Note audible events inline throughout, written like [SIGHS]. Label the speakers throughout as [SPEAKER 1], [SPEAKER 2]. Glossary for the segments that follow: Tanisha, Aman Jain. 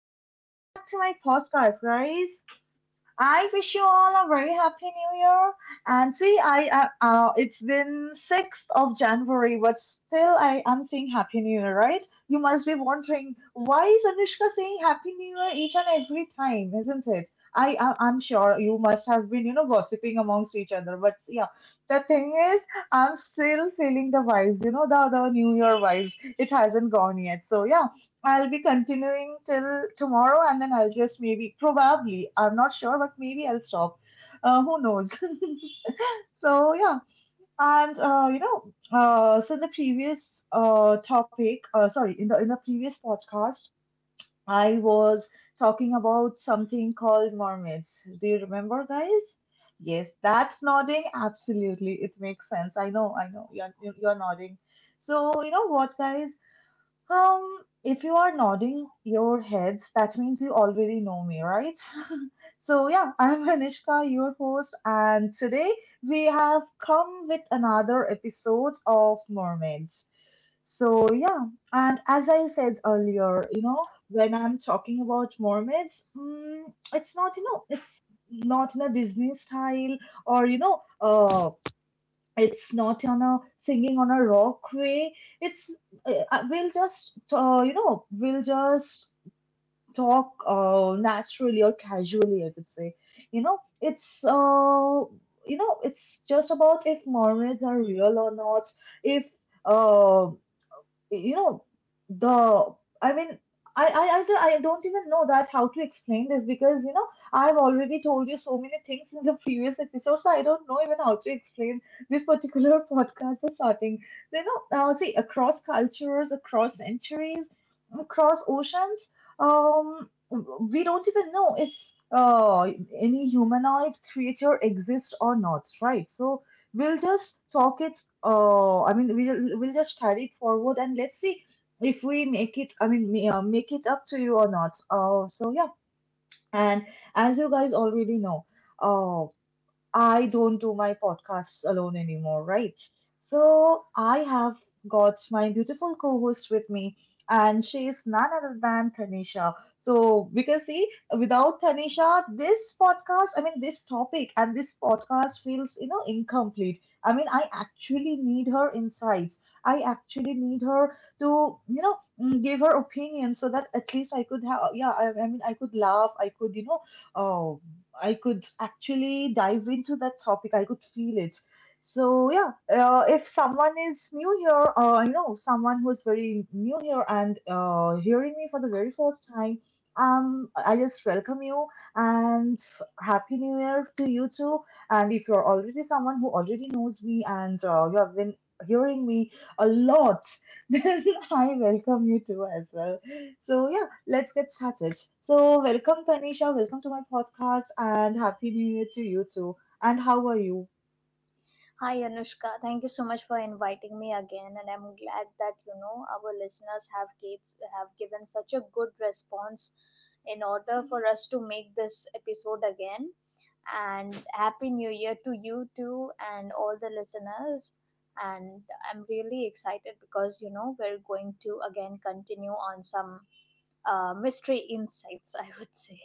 [SPEAKER 1] and welcome back to my podcast, guys. I wish you all a very happy new year. And see, I it's been 6th of January, but still, I am saying happy new year, right? You must be wondering why is Anushka saying happy new year each and every time, isn't it? I'm sure you must have been, gossiping amongst each other. But yeah, the thing is, I'm still feeling the vibes, you know, the new year vibes. It hasn't gone yet. So yeah. I'll be continuing till tomorrow and then I'll just maybe, probably, I'm not sure, but maybe I'll stop. Who knows? [LAUGHS] So, yeah. And, you know, so the previous topic, sorry, in the previous podcast, I was talking about something called mermaids. Do you remember, guys? Yes, that's nodding. Absolutely. It makes sense. I know. You're nodding. So, you know what, guys? If you are nodding your heads, that means you already know me, right? [LAUGHS] So, yeah, I'm [LAUGHS] Anishka, your host, and today we have come with another episode of Mermaids. So, yeah, and as I said earlier, you know, when I'm talking about mermaids, it's not, it's not in a Disney style or, it's not on a singing on a rock way, it's we'll just you know we'll just talk naturally or casually, I could say. you know it's uh, it's just about if mermaids are real or not. If um you know the I mean I don't i don't even know that how to explain this, because you know I've already told you so many things in the previous episodes. So I don't know even how to explain this particular [LAUGHS] podcast, the starting. So, see, across cultures, across centuries, across oceans, um we don't even know if uh any humanoid creature exists or not, right? So we'll just talk it. We'll just carry it forward and let's see if we make it. Make it up to you or not. So yeah. And as you guys already know, uh, I don't do my podcasts alone anymore, right? So I have got my beautiful co host with me, and she is none other than Tanisha. So, because see, without Tanisha, this podcast, I mean, this topic and this podcast feels, you know, incomplete. I mean, I actually need her insights. I actually need her to, give her opinion so that at least I could have, yeah, I could laugh, I could, uh, I could actually dive into that topic. I could feel it. So yeah, if someone is new here, someone who's very new here and hearing me for the very first time, I just welcome you, and happy new year to you too. And if you're already someone who already knows me and you have been hearing me a lot, [LAUGHS] then I welcome you too as well. So yeah, let's get started. So, welcome, Tanisha. Welcome to my podcast, and happy new year to you too. And how are you?
[SPEAKER 2] Hi Anushka, thank you so much for inviting me again, and I'm glad that you know our listeners have kids have given such a good response in order for us to make this episode again. And happy New Year to you too, and all the listeners. And I'm really excited because you know we're going to again continue on some mystery insights. [LAUGHS] I would say.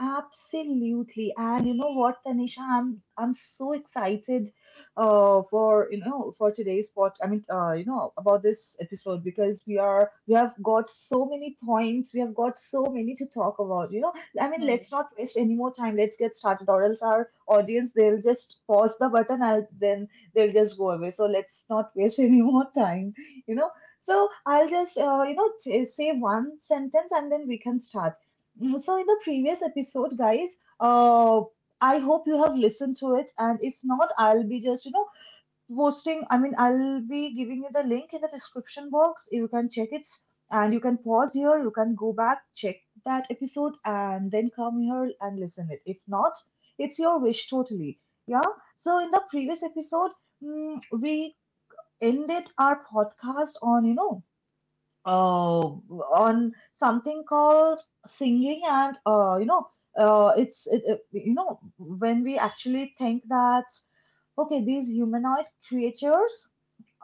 [SPEAKER 1] Absolutely. And you know what, Tanisha, I'm so excited for for today's pod. About this episode, because we have got so many points, we have got so many to talk about, you know. I mean,
[SPEAKER 2] Hmm.
[SPEAKER 1] let's not waste any more time. Let's get started or else our audience, they'll just pause the button and then they'll just go away. So let's not waste [LAUGHS] any more time, you know. So I'll just say one sentence and then we can start. Mm, so in the previous episode, guys, I hope you have listened to it, and if not, I'll be just posting. I mean, I'll be giving you the link in the description box. You can check it, and you can pause here. You can go back, check that episode, and then come here and listen it. If not, it's your wish totally. Yeah. So in the previous episode, mm, we ended our podcast on uh, on something called singing. And you know it's it, it- You know, when we actually think that okay, these humanoid creatures,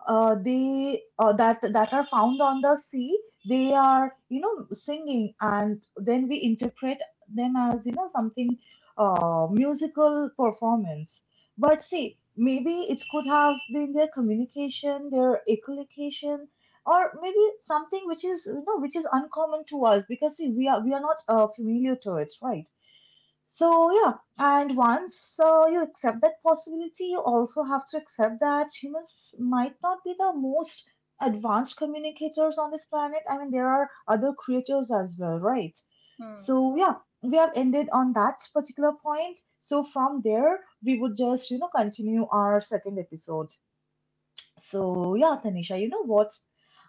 [SPEAKER 1] they that that are found on the sea, they are, you know, singing, and then we interpret them as, you know, something musical performance. But see, maybe it could have been their communication, their echolocation, or maybe something which is, you know, which is uncommon to us, because see, we are not familiar to it, right? So, yeah, and once you accept that possibility, you also have to accept that humans might not be the most advanced communicators on this planet. I mean, there are other creatures as well, right?
[SPEAKER 2] Hmm.
[SPEAKER 1] So, yeah, we have ended on that particular point. So, from there, we would just, you know, continue our second episode. So yeah, Tanisha, you know what's?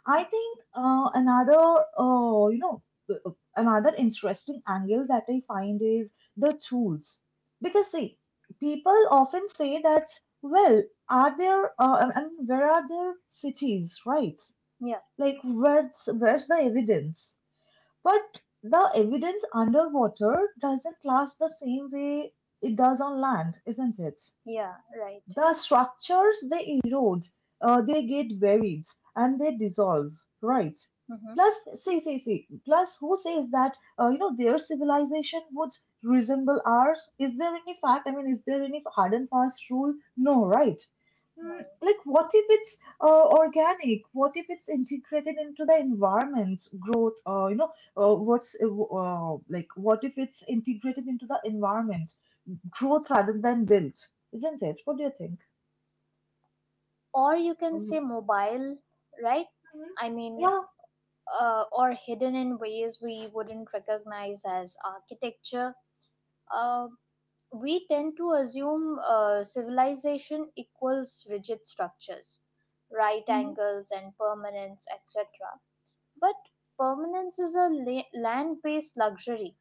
[SPEAKER 1] I
[SPEAKER 2] Hmm.
[SPEAKER 1] think another uh, you know th- uh, another interesting angle that I find is the tools, because see, people often say that, well, are there I mean, where are there cities, right?
[SPEAKER 2] Yeah.
[SPEAKER 1] Like where's the evidence? But the evidence underwater doesn't last the same way it does on land, isn't it?
[SPEAKER 2] Yeah. Right.
[SPEAKER 1] The structures, they erode, they get buried, and they dissolve, right?
[SPEAKER 2] Mm-hmm.
[SPEAKER 1] Plus, see. Plus, who says that their civilization would resemble ours? Is there any fact? I mean, is there any hard and fast rule? No, right? Mm,
[SPEAKER 2] No.
[SPEAKER 1] like, what if it's organic? What if it's integrated into the environment's growth? You know, what's like? What if it's integrated into the environment growth rather than built? Isn't it? What do you think?
[SPEAKER 2] Or you can say
[SPEAKER 1] Mhm.
[SPEAKER 2] mobile, right? I mean,
[SPEAKER 1] Yeah.
[SPEAKER 2] or hidden in ways we wouldn't recognize as architecture. Uh, we tend to assume civilization equals rigid structures, right
[SPEAKER 1] Hmm.
[SPEAKER 2] angles, and permanence, etc. But permanence is a land based luxury,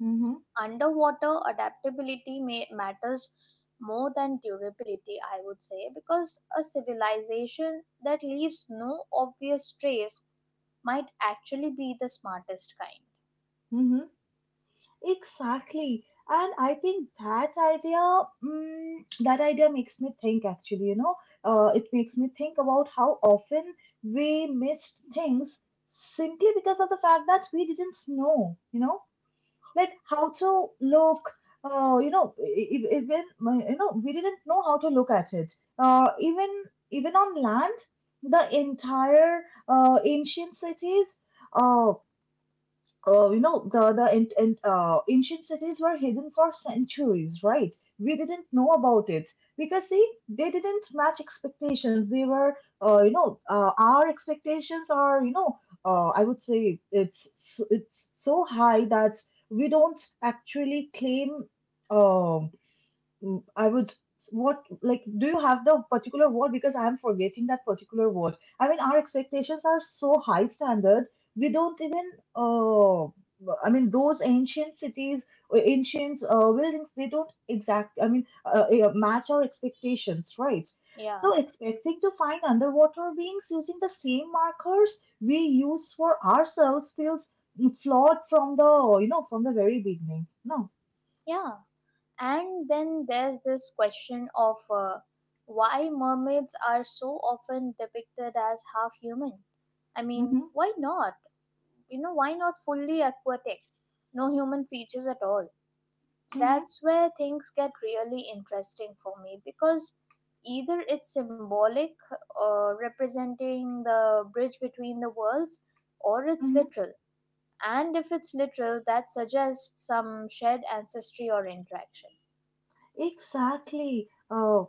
[SPEAKER 1] Hmm.
[SPEAKER 2] underwater adaptability may matters more than durability, I would say, because a civilization that leaves no obvious trace might actually be the smartest kind.
[SPEAKER 1] Hmm. Exactly. And I think that idea, that idea makes me think actually, you know, it makes me think about how often we missed things simply because of the fact that we didn't know, you know, like how to look, even, we didn't know how to look at it. Uh, even, even on land, the entire ancient cities, uh, you know, the and, ancient cities were hidden for centuries, right? We didn't know about it because see, they didn't match expectations. They were, our expectations are, I would say it's it's so high that we don't actually claim, um, I would, what, like, do you have the particular word? Because I'm forgetting that particular word. I mean, our expectations are so high standard. We don't even uh I mean those ancient cities, ancient buildings, they don't exact. Yeah, match our expectations, right?
[SPEAKER 2] yeah
[SPEAKER 1] So expecting to find underwater beings using the same markers we use for ourselves feels flawed from the from the very beginning. No.
[SPEAKER 2] yeah And then there's this question of why mermaids are so often depicted as half human. I mean,
[SPEAKER 1] Mm-hmm.
[SPEAKER 2] why not, you know, why not fully aquatic, no human features at all?
[SPEAKER 1] Mm-hmm.
[SPEAKER 2] That's where things get really interesting for me because either it's symbolic or representing the bridge between the worlds, or it's
[SPEAKER 1] Mm-hmm.
[SPEAKER 2] literal. And if it's literal, that suggests some shared ancestry or interaction.
[SPEAKER 1] Exactly.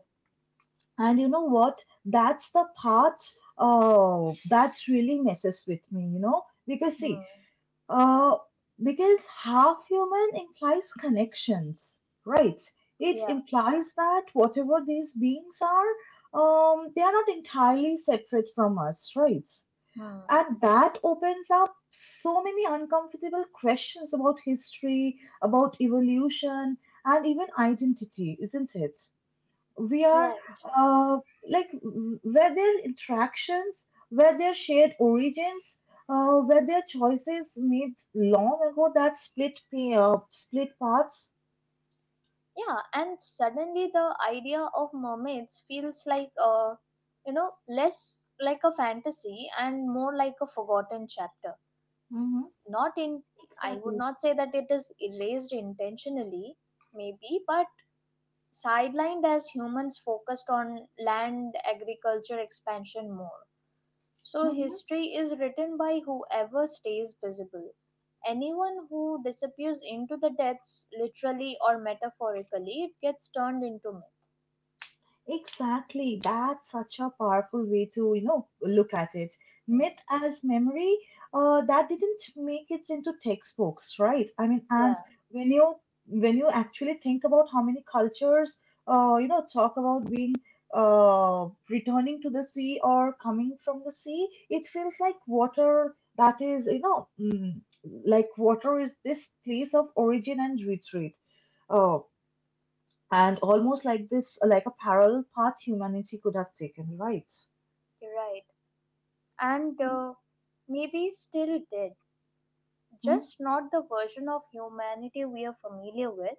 [SPEAKER 1] And you know what? That's the part that really messes with me, you know? Because, see,
[SPEAKER 2] Hmm.
[SPEAKER 1] uh, because half human implies connections, right? It
[SPEAKER 2] Yeah.
[SPEAKER 1] implies that whatever these beings are, they are not entirely separate from us, right?
[SPEAKER 2] Hmm.
[SPEAKER 1] And that opens up so many uncomfortable questions about history, about evolution, and even identity, isn't it? We are,
[SPEAKER 2] Right.
[SPEAKER 1] uh, like, were their interactions, were their shared origins, were their choices made long ago that split paths.
[SPEAKER 2] Yeah, and suddenly the idea of mermaids feels like a, you know, less like a fantasy and more like a forgotten chapter.
[SPEAKER 1] Mm-hmm.
[SPEAKER 2] Not in, I would
[SPEAKER 1] Exactly.
[SPEAKER 2] not say that it is erased intentionally, maybe, but sidelined as humans focused on land agriculture expansion more. So
[SPEAKER 1] Mm-hmm.
[SPEAKER 2] history is written by whoever stays visible. Anyone who disappears into the depths, literally or metaphorically, it gets turned into myth.
[SPEAKER 1] Exactly. That's such a powerful way to, you know, look at it.
[SPEAKER 2] Hmm.
[SPEAKER 1] Myth as memory, that didn't make it into textbooks, right? I mean, and
[SPEAKER 2] Yeah.
[SPEAKER 1] when you, when you actually think about how many cultures, talk about being returning to the sea or coming from the sea, it feels like water, that is, you know, like water is this place of origin and retreat. Uh, and almost like this, like a parallel path humanity could have taken, right?
[SPEAKER 2] You're right. And maybe still did,
[SPEAKER 1] Hmm?
[SPEAKER 2] just not the version of humanity we are familiar with.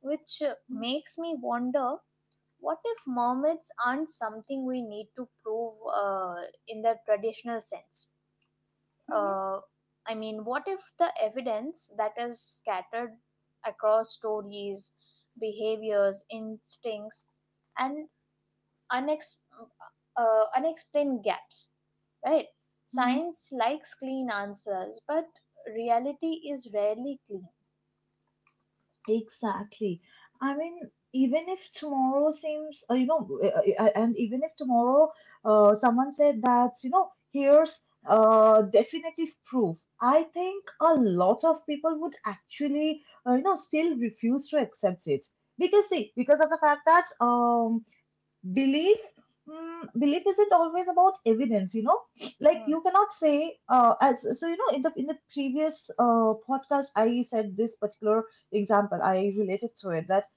[SPEAKER 2] Which makes me wonder, what if mermaids aren't something we need to prove in the traditional sense?
[SPEAKER 1] Hmm.
[SPEAKER 2] Uh, I mean, what if the evidence that is scattered across stories, behaviors, instincts, and unex- unexplained gaps, right?
[SPEAKER 1] Hmm.
[SPEAKER 2] Science likes clean answers, but reality is rarely clean.
[SPEAKER 1] Exactly. I mean, even if tomorrow seems, you know, and even if tomorrow someone said that, you know, here's definitive proof, I think a lot of people would actually, still refuse to accept it. Because, see, because of the fact that belief, belief isn't always about evidence, you know. Like
[SPEAKER 2] Hmm,
[SPEAKER 1] you cannot say, as, so, you know, in the previous podcast I said this particular example, I related to it that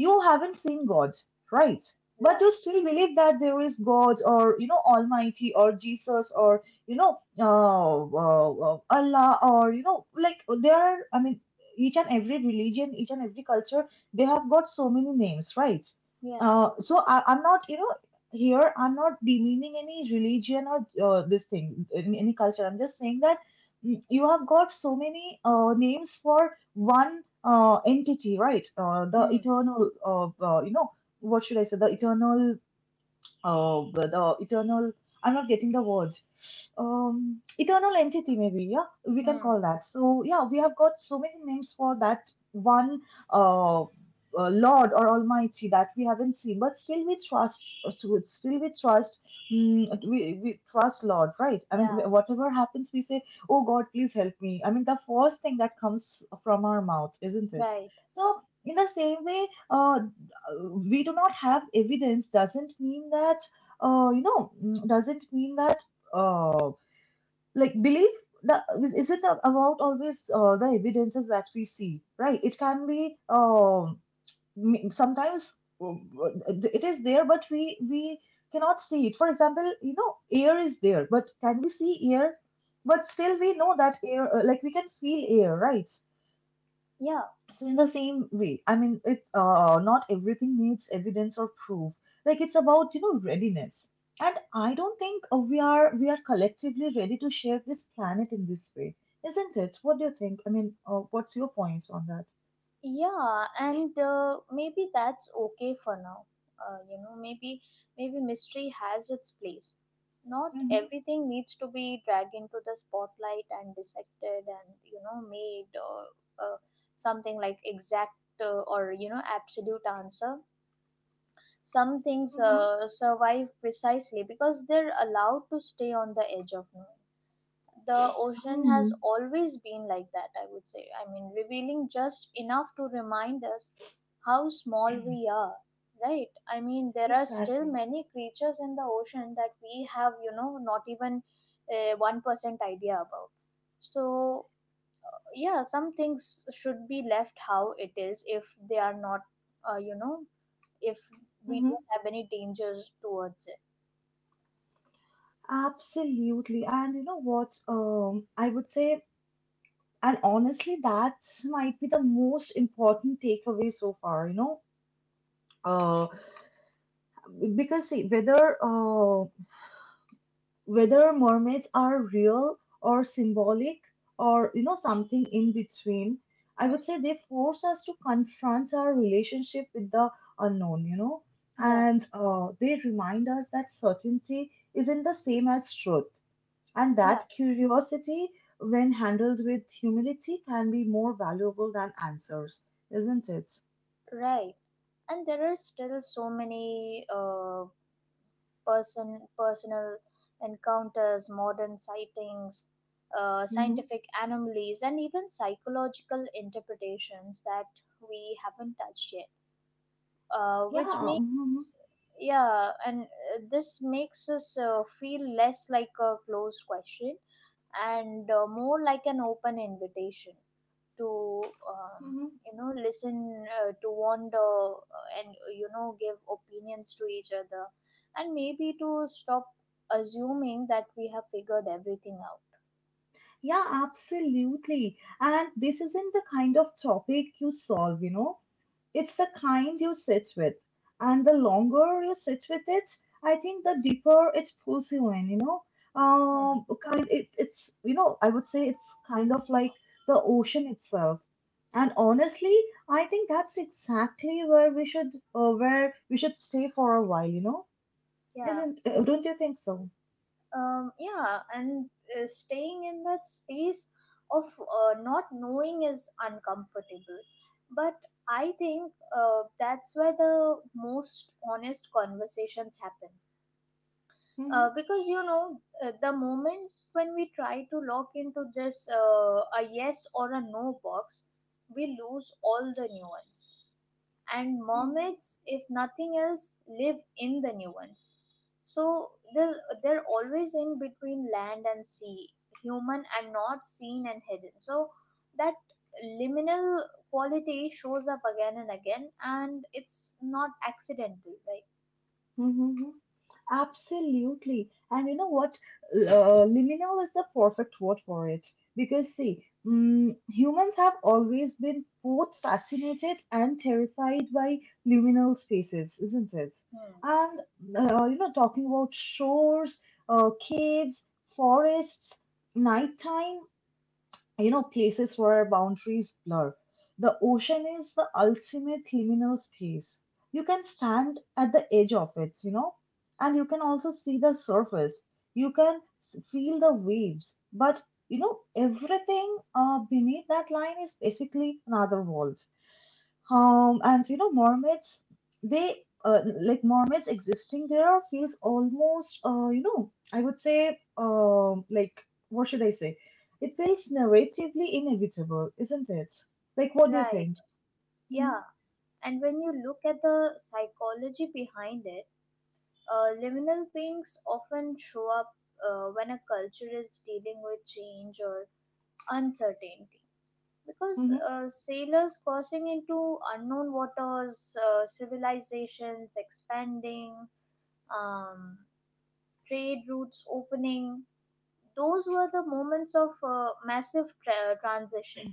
[SPEAKER 1] you haven't seen God, right? But
[SPEAKER 2] right.
[SPEAKER 1] you still believe that there is God or, Almighty or Jesus or, Allah or, like there are, I mean, each and every religion, each and every culture, they have got so many names, right?
[SPEAKER 2] Yeah.
[SPEAKER 1] So I'm not, here I'm not demeaning any religion or this thing, any culture. I'm just saying that you have got so many names for one entity, right? The
[SPEAKER 2] Hmm.
[SPEAKER 1] eternal, uh, you know, what should I say? The eternal. I'm not getting the words. Eternal entity, maybe. Yeah, we can
[SPEAKER 2] Hmm.
[SPEAKER 1] call that. So yeah, we have got so many names for that one Lord or Almighty that we haven't seen, but still we trust. Still we trust. We trust Lord, right? I mean,
[SPEAKER 2] Yeah.
[SPEAKER 1] whatever happens, we say, "Oh God, please help me." I mean, the first thing that comes from our mouth, isn't it?
[SPEAKER 2] Right.
[SPEAKER 1] So in the same way, uh, we do not have evidence doesn't mean that doesn't mean that uh, like belief the, is it not about always the evidences that we see, right? It can be, sometimes uh, it is there, but we cannot see it. For example, air is there, but can we see air? But still we know that air, like we can feel air, right?
[SPEAKER 2] Yeah,
[SPEAKER 1] So in the same way, I mean, it's not everything needs evidence or proof. Like it's about readiness, and I don't think we are collectively ready to share this planet in this way, isn't it? What do you think? I mean, what's your points on that?
[SPEAKER 2] yeah, and maybe that's okay for now. You know, maybe, maybe mystery has its place. Not
[SPEAKER 1] Mm-hmm.
[SPEAKER 2] everything needs to be dragged into the spotlight and dissected and, you know, made or uh, something like exact or, you know, absolute answer. Some things
[SPEAKER 1] Mm-hmm.
[SPEAKER 2] survive precisely because they're allowed to stay on the edge of knowing. The ocean
[SPEAKER 1] Hmm.
[SPEAKER 2] has always been like that, I would say. I mean, revealing just enough to remind us how small we
[SPEAKER 1] [CLEARS THROAT]
[SPEAKER 2] are, right? I mean, there are still
[SPEAKER 1] Exactly.
[SPEAKER 2] many creatures in the ocean that we have, you know, not even 1% idea about. So, yeah, some things should be left how it is if they are not, you know, if we
[SPEAKER 1] Mm-hmm.
[SPEAKER 2] don't have any dangers towards it.
[SPEAKER 1] Absolutely. And you know what? I would say, and honestly, that might be the most important takeaway so far. uh. Because see, whether whether mermaids are real or symbolic or, something in between, I
[SPEAKER 2] Hmm.
[SPEAKER 1] would say they force us to confront our relationship with the unknown,
[SPEAKER 2] Yeah,
[SPEAKER 1] and they remind us that certainty isn't the same as truth, and
[SPEAKER 2] yeah.
[SPEAKER 1] that curiosity, when handled with humility, can be more valuable than answers, isn't it?
[SPEAKER 2] Right. And there are still so many personal encounters, modern sightings,
[SPEAKER 1] Hmm.
[SPEAKER 2] scientific anomalies, and even psychological interpretations that we haven't touched yet. Which
[SPEAKER 1] Yeah. Mhm.
[SPEAKER 2] makes, yeah, and this makes us feel less like a closed question and more like an open invitation to,
[SPEAKER 1] Mhm.
[SPEAKER 2] you know, listen, to wander, and, you know, give opinions to each other and maybe to stop assuming that we have figured everything out.
[SPEAKER 1] Yeah, absolutely. And this isn't the kind of topic you solve. It's the kind you sit with. And the longer you sit with it, I think the deeper it pulls you in.
[SPEAKER 2] Hmm.
[SPEAKER 1] Kind it, it's, you know, I would say it's kind of like the ocean itself. And honestly, I think that's exactly where we should stay for a while.
[SPEAKER 2] Yeah.
[SPEAKER 1] Isn't, don't you think so?
[SPEAKER 2] Um, yeah, and staying in that space of not knowing is uncomfortable, but I think that's where the most honest conversations happen.
[SPEAKER 1] Mm-hmm.
[SPEAKER 2] Because, you know, the moment when we try to lock into this, a yes or a no box, we lose all the nuance. And
[SPEAKER 1] Hmm.
[SPEAKER 2] mermaids, if nothing else, live in the nuance. So there's, they're always in between land and sea, human and not, seen and hidden. So that liminal quality shows up again and again, and it's not accidental, right?
[SPEAKER 1] Mm-hmm. Absolutely. And you know what? Liminal is the perfect word for it. Because, see, humans have always been both fascinated and terrified by liminal spaces, isn't it?
[SPEAKER 2] Hmm.
[SPEAKER 1] And, talking about shores, caves, forests, nighttime, places where boundaries blur. The ocean is the ultimate liminal space. You can stand at the edge of it, and you can also see the surface. You can feel the waves, but everything beneath that line is basically another world. And Mormons, they like Mormons existing there feels almost, I would say, like, what should I say? It feels narratively inevitable, isn't it? Like, what do you
[SPEAKER 2] Right.
[SPEAKER 1] think? Mm-hmm.
[SPEAKER 2] Yeah. And when you look at the psychology behind it, liminal beings often show up when a culture is dealing with change or uncertainty. Because
[SPEAKER 1] Mm-hmm.
[SPEAKER 2] sailors crossing into unknown waters, civilizations expanding, um, trade routes opening, those were the moments of massive transition.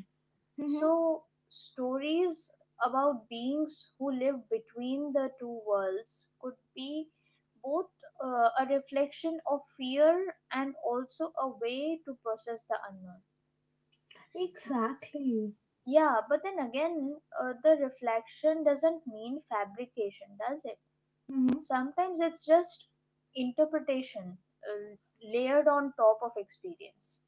[SPEAKER 1] Mm-hmm.
[SPEAKER 2] So stories about beings who live between the two worlds could be both a reflection of fear and also a way to process the unknown.
[SPEAKER 1] Exactly.
[SPEAKER 2] Yeah, but then again, the reflection doesn't mean fabrication, does it?
[SPEAKER 1] Mm-hmm.
[SPEAKER 2] Sometimes it's just interpretation uh, layered on top of experience.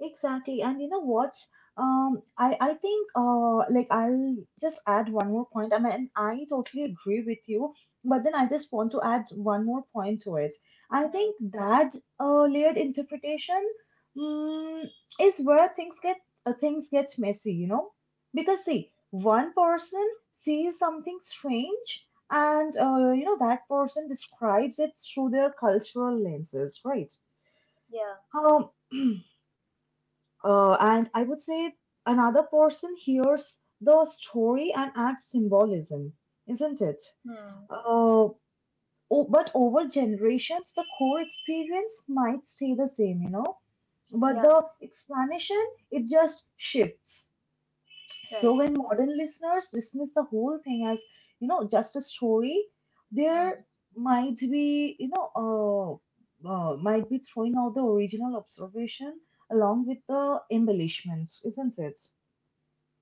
[SPEAKER 1] Exactly. And you know what? I think like I'll just add one more point. I mean, I totally agree with you, but then I just want to add one more point to it. I
[SPEAKER 2] Hmm.
[SPEAKER 1] think that layered interpretation mm, is where things get messy, Because see, one person sees something strange, and that person describes it through their cultural lenses, right?
[SPEAKER 2] Yeah.
[SPEAKER 1] Um, and I would say another person hears the story and adds symbolism, isn't it?
[SPEAKER 2] Hmm.
[SPEAKER 1] Uh, but over generations, the core experience might stay the same, but
[SPEAKER 2] Yeah.
[SPEAKER 1] the explanation, it just shifts. So
[SPEAKER 2] Right.
[SPEAKER 1] when modern listeners dismiss the whole thing as, just a story,
[SPEAKER 2] Hmm.
[SPEAKER 1] there might be, you know, might be throwing out the original observation along with the embellishments, isn't it?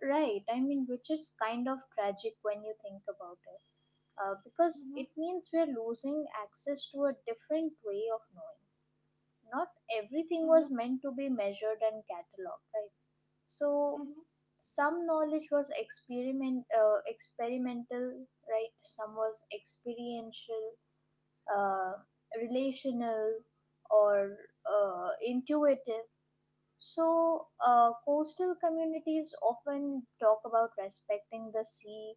[SPEAKER 2] Right, I mean, which is kind of tragic when you think about it, because
[SPEAKER 1] Mhm.
[SPEAKER 2] it means we're losing access to a different way of knowing. Not everything
[SPEAKER 1] Mhm.
[SPEAKER 2] was meant to be measured and cataloged, right? So
[SPEAKER 1] Mhm.
[SPEAKER 2] some knowledge was experimental, right? Some was experiential, uh, relational, or intuitive. So, coastal communities often talk about respecting the sea,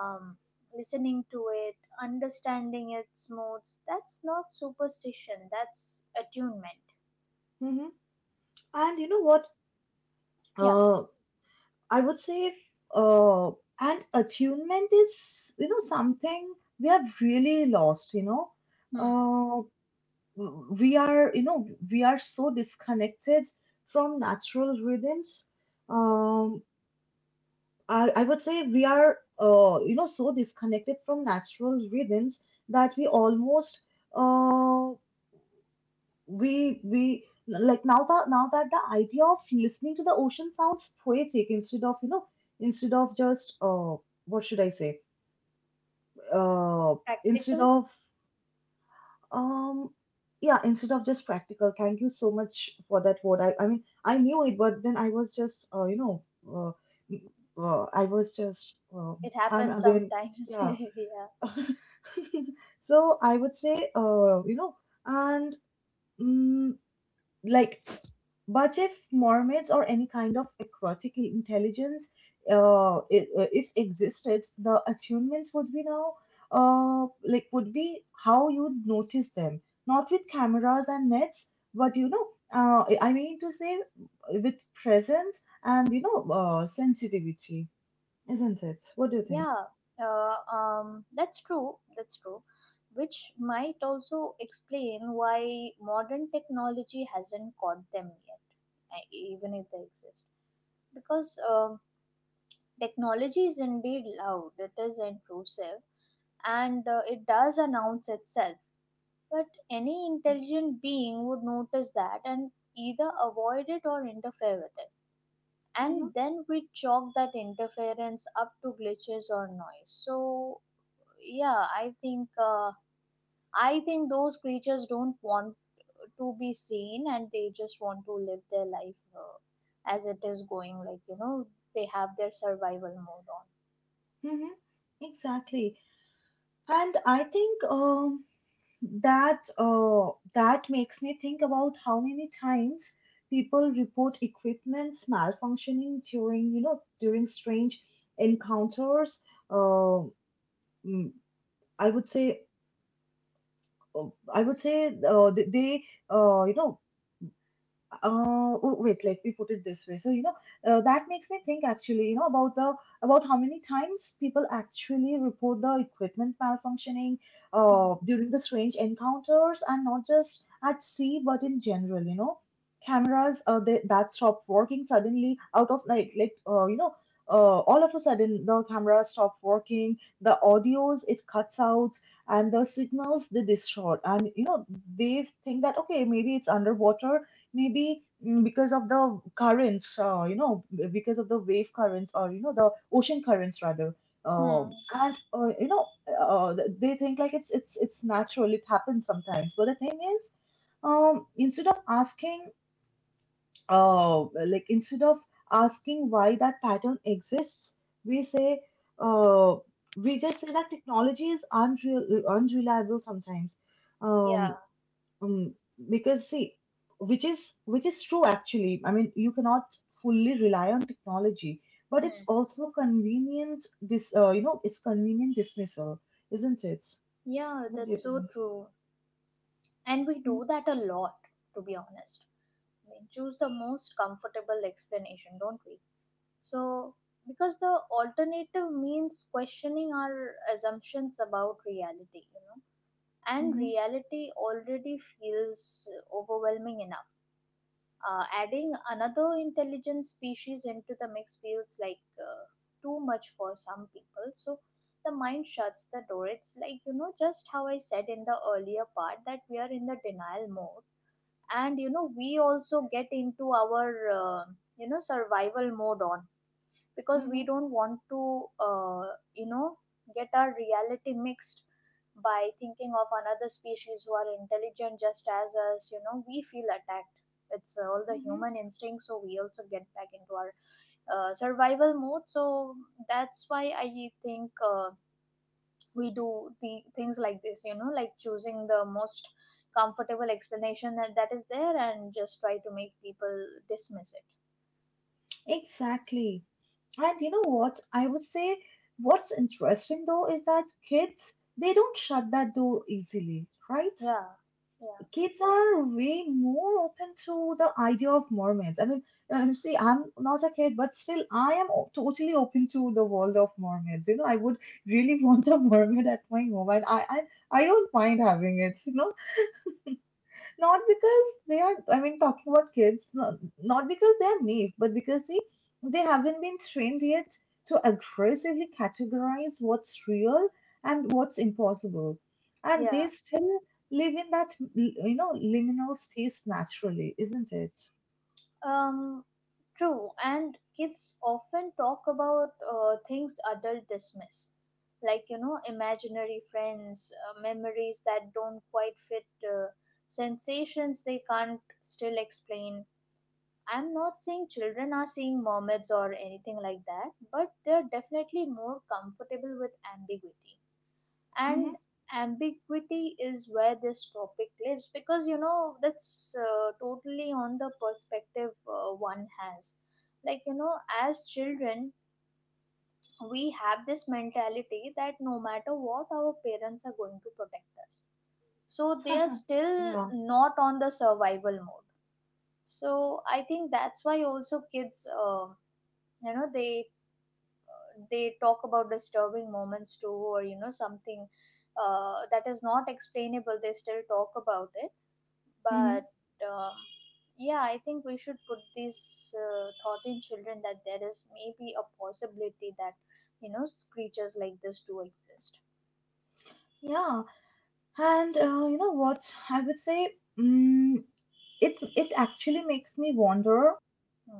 [SPEAKER 2] um, listening to it, understanding its moods. That's not superstition, that's attunement.
[SPEAKER 1] Mhm. And you know what?
[SPEAKER 2] Yeah.
[SPEAKER 1] Uh, I would say, uh, and attunement is, something we have really lost.
[SPEAKER 2] Hmm.
[SPEAKER 1] Uh, we are, we are so disconnected from natural rhythms.
[SPEAKER 2] Hmm.
[SPEAKER 1] um I would say we are, so disconnected from natural rhythms that we almost— uh we like now that now that the idea of listening to the ocean sounds poetic instead of, instead of just, what should I say? uh Instead
[SPEAKER 2] Practical.
[SPEAKER 1] of— Um, yeah, instead of just practical. Thank you so much for that word. I mean, I knew it, but then I was just, m- I was just,
[SPEAKER 2] It
[SPEAKER 1] I'm
[SPEAKER 2] happens
[SPEAKER 1] again,
[SPEAKER 2] sometimes. [LAUGHS]
[SPEAKER 1] yeah.
[SPEAKER 2] Yeah.
[SPEAKER 1] [LAUGHS] So I would say, and mm, like, but if mermaids or any kind of aquatic intelligence, if, existed, the attunement would be now like would be how you'd notice them, not with cameras and nets, but I mean to say, with presence and, sensitivity, isn't it? What do you think?
[SPEAKER 2] Yeah, that's true. That's true. Which might also explain why modern technology hasn't caught them yet, even if they exist. Because um, technology is indeed loud, it is intrusive, and it does announce itself. But any intelligent being would notice that and either avoid it or interfere with it.
[SPEAKER 1] Mm-hmm.
[SPEAKER 2] And then we chalk that interference up to glitches or noise. So yeah, I think I think those creatures don't want to be seen, and they just want to live their life as it is going, like, you know, they have their survival mode on.
[SPEAKER 1] Mm-hmm. Exactly. And I think that that makes me think about how many times people report equipment's malfunctioning during, during strange encounters. uh, mm, i would say uh, I would say, they, uh, you know oh, wait, let me put it this way. So, that makes me think actually, about the, about how many times people actually report the equipment malfunctioning,
[SPEAKER 2] Mhm.
[SPEAKER 1] during the strange encounters, and not just at sea, but in general, cameras, that stop working suddenly, out of— all of a sudden the cameras stop working, the audios it cuts out, and the signals they distort, and, they think that okay, maybe it's underwater, maybe, because of the currents, because of the wave currents or, the ocean currents rather.
[SPEAKER 2] Hmm.
[SPEAKER 1] And you know, th- they think like it's natural. It happens sometimes. But the thing is, instead of asking, uh, instead of asking why that pattern exists, we uh, just say that technology is unreal, unreliable sometimes.
[SPEAKER 2] Yeah.
[SPEAKER 1] Um, um, because see, which is true actually. I mean, you cannot fully rely on technology, but it's
[SPEAKER 2] Hmm.
[SPEAKER 1] also convenient, this you know it's convenient dismissal, isn't it?
[SPEAKER 2] Yeah,
[SPEAKER 1] What do you
[SPEAKER 2] that's so
[SPEAKER 1] think?
[SPEAKER 2] true. And we do that a lot, to be honest. We choose the most comfortable explanation, don't we? So, because the alternative means questioning our assumptions about reality, you know. And
[SPEAKER 1] Mm-hmm.
[SPEAKER 2] reality already feels overwhelming enough. Adding another intelligent species into the mix feels like too much for some people. So the mind shuts the door. It's like, you know, just how I said in the earlier part, that we are in the denial mode. And, you know, we also get into our, uh, you know, survival mode on, because
[SPEAKER 1] Mm-hmm.
[SPEAKER 2] we don't want to uh, you know, get our reality mixed by thinking of another species who are intelligent just as us. You know, we feel attacked. It's all the
[SPEAKER 1] Mm-hmm.
[SPEAKER 2] human instinct, so we also get back into our survival mode. So that's why I think we do the things like this, you know, like choosing the most comfortable explanation that, that is there and just try to make people dismiss it.
[SPEAKER 1] Exactly. And you know what? I would say what's interesting though is that kids, they don't shut that door easily, right?
[SPEAKER 2] Yeah.
[SPEAKER 1] Kids are way more open to the idea of mermaids. I mean, see, I'm not a kid, but still, I am totally open to the world of mermaids. You know, I would really [LAUGHS] want a mermaid at my home, and I don't mind having it. You know, not because they are, I mean, talking about kids, not because they are naive, but because see, they haven't been trained yet to aggressively categorize what's real and what's impossible. And
[SPEAKER 2] Yeah.
[SPEAKER 1] they
[SPEAKER 2] Yeah.
[SPEAKER 1] still live in that, liminal space naturally, isn't it?
[SPEAKER 2] Um, true, and kids often talk about things adults dismiss, like, you know, imaginary friends, memories that don't quite fit, uh, sensations they can't still explain. I'm not saying children are seeing mermaids or anything like that, but they're definitely more comfortable with ambiguity. And ambiguity is where this topic lives, because, you know, that's totally on the perspective one has. Like, you know, as children we have this mentality that no matter what, our parents are going to protect us, so they are
[SPEAKER 1] Mm-hmm.
[SPEAKER 2] still
[SPEAKER 1] [LAUGHS] Yeah.
[SPEAKER 2] not on the survival mode. So I think that's why also kids you know, they talk about disturbing moments too, or you know, something that is not explainable, they still talk about it,
[SPEAKER 1] Mm-hmm.
[SPEAKER 2] but um, yeah, I think we should put this thought in children that there is maybe a possibility that, you know, creatures like this do exist.
[SPEAKER 1] Yeah, and you know what? I would say, mm, it actually makes me wonder.
[SPEAKER 2] Hmm.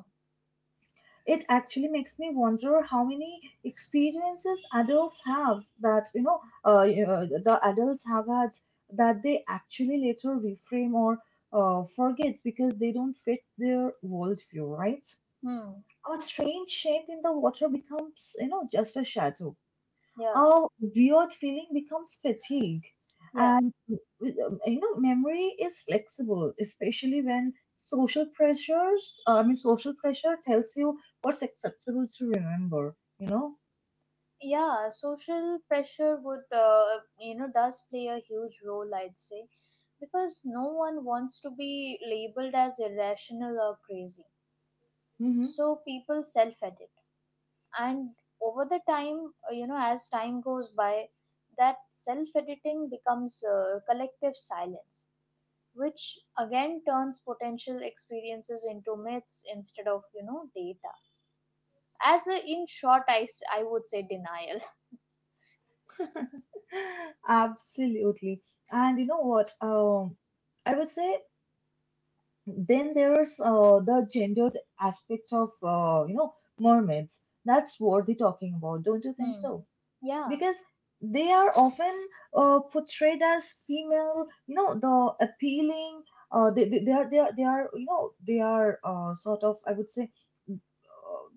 [SPEAKER 1] It actually makes me wonder how many experiences adults have that, the adults have had that they actually later reframe or, forget because they don't fit their worldview, right?
[SPEAKER 2] Hmm.
[SPEAKER 1] A strange shape in the water becomes, just a shadow.
[SPEAKER 2] Yeah.
[SPEAKER 1] Oh, weird feeling becomes fatigue.
[SPEAKER 2] Yeah.
[SPEAKER 1] And memory is flexible, especially when social pressures, I mean, social pressure tells you what's acceptable to remember, you know?
[SPEAKER 2] Yeah, social pressure would, you know, does play a huge role, I'd say, because no one wants to be labeled as irrational or crazy.
[SPEAKER 1] Hmm.
[SPEAKER 2] So people self edit, and over the time, you know, as time goes by, that self editing becomes collective silence, which again turns potential experiences into myths instead of, you know, data. As a, in short, I would say denial.
[SPEAKER 1] [GASPS] Absolutely. And you know what? I would say then there's the gendered aspect of, mermaids. That's worth talking about, don't you
[SPEAKER 2] [LAUGHS]
[SPEAKER 1] think
[SPEAKER 2] Hmm.
[SPEAKER 1] so?
[SPEAKER 2] Yeah.
[SPEAKER 1] Because they are often portrayed as female, you know, the appealing they are they are they are you know they are sort of, I would say,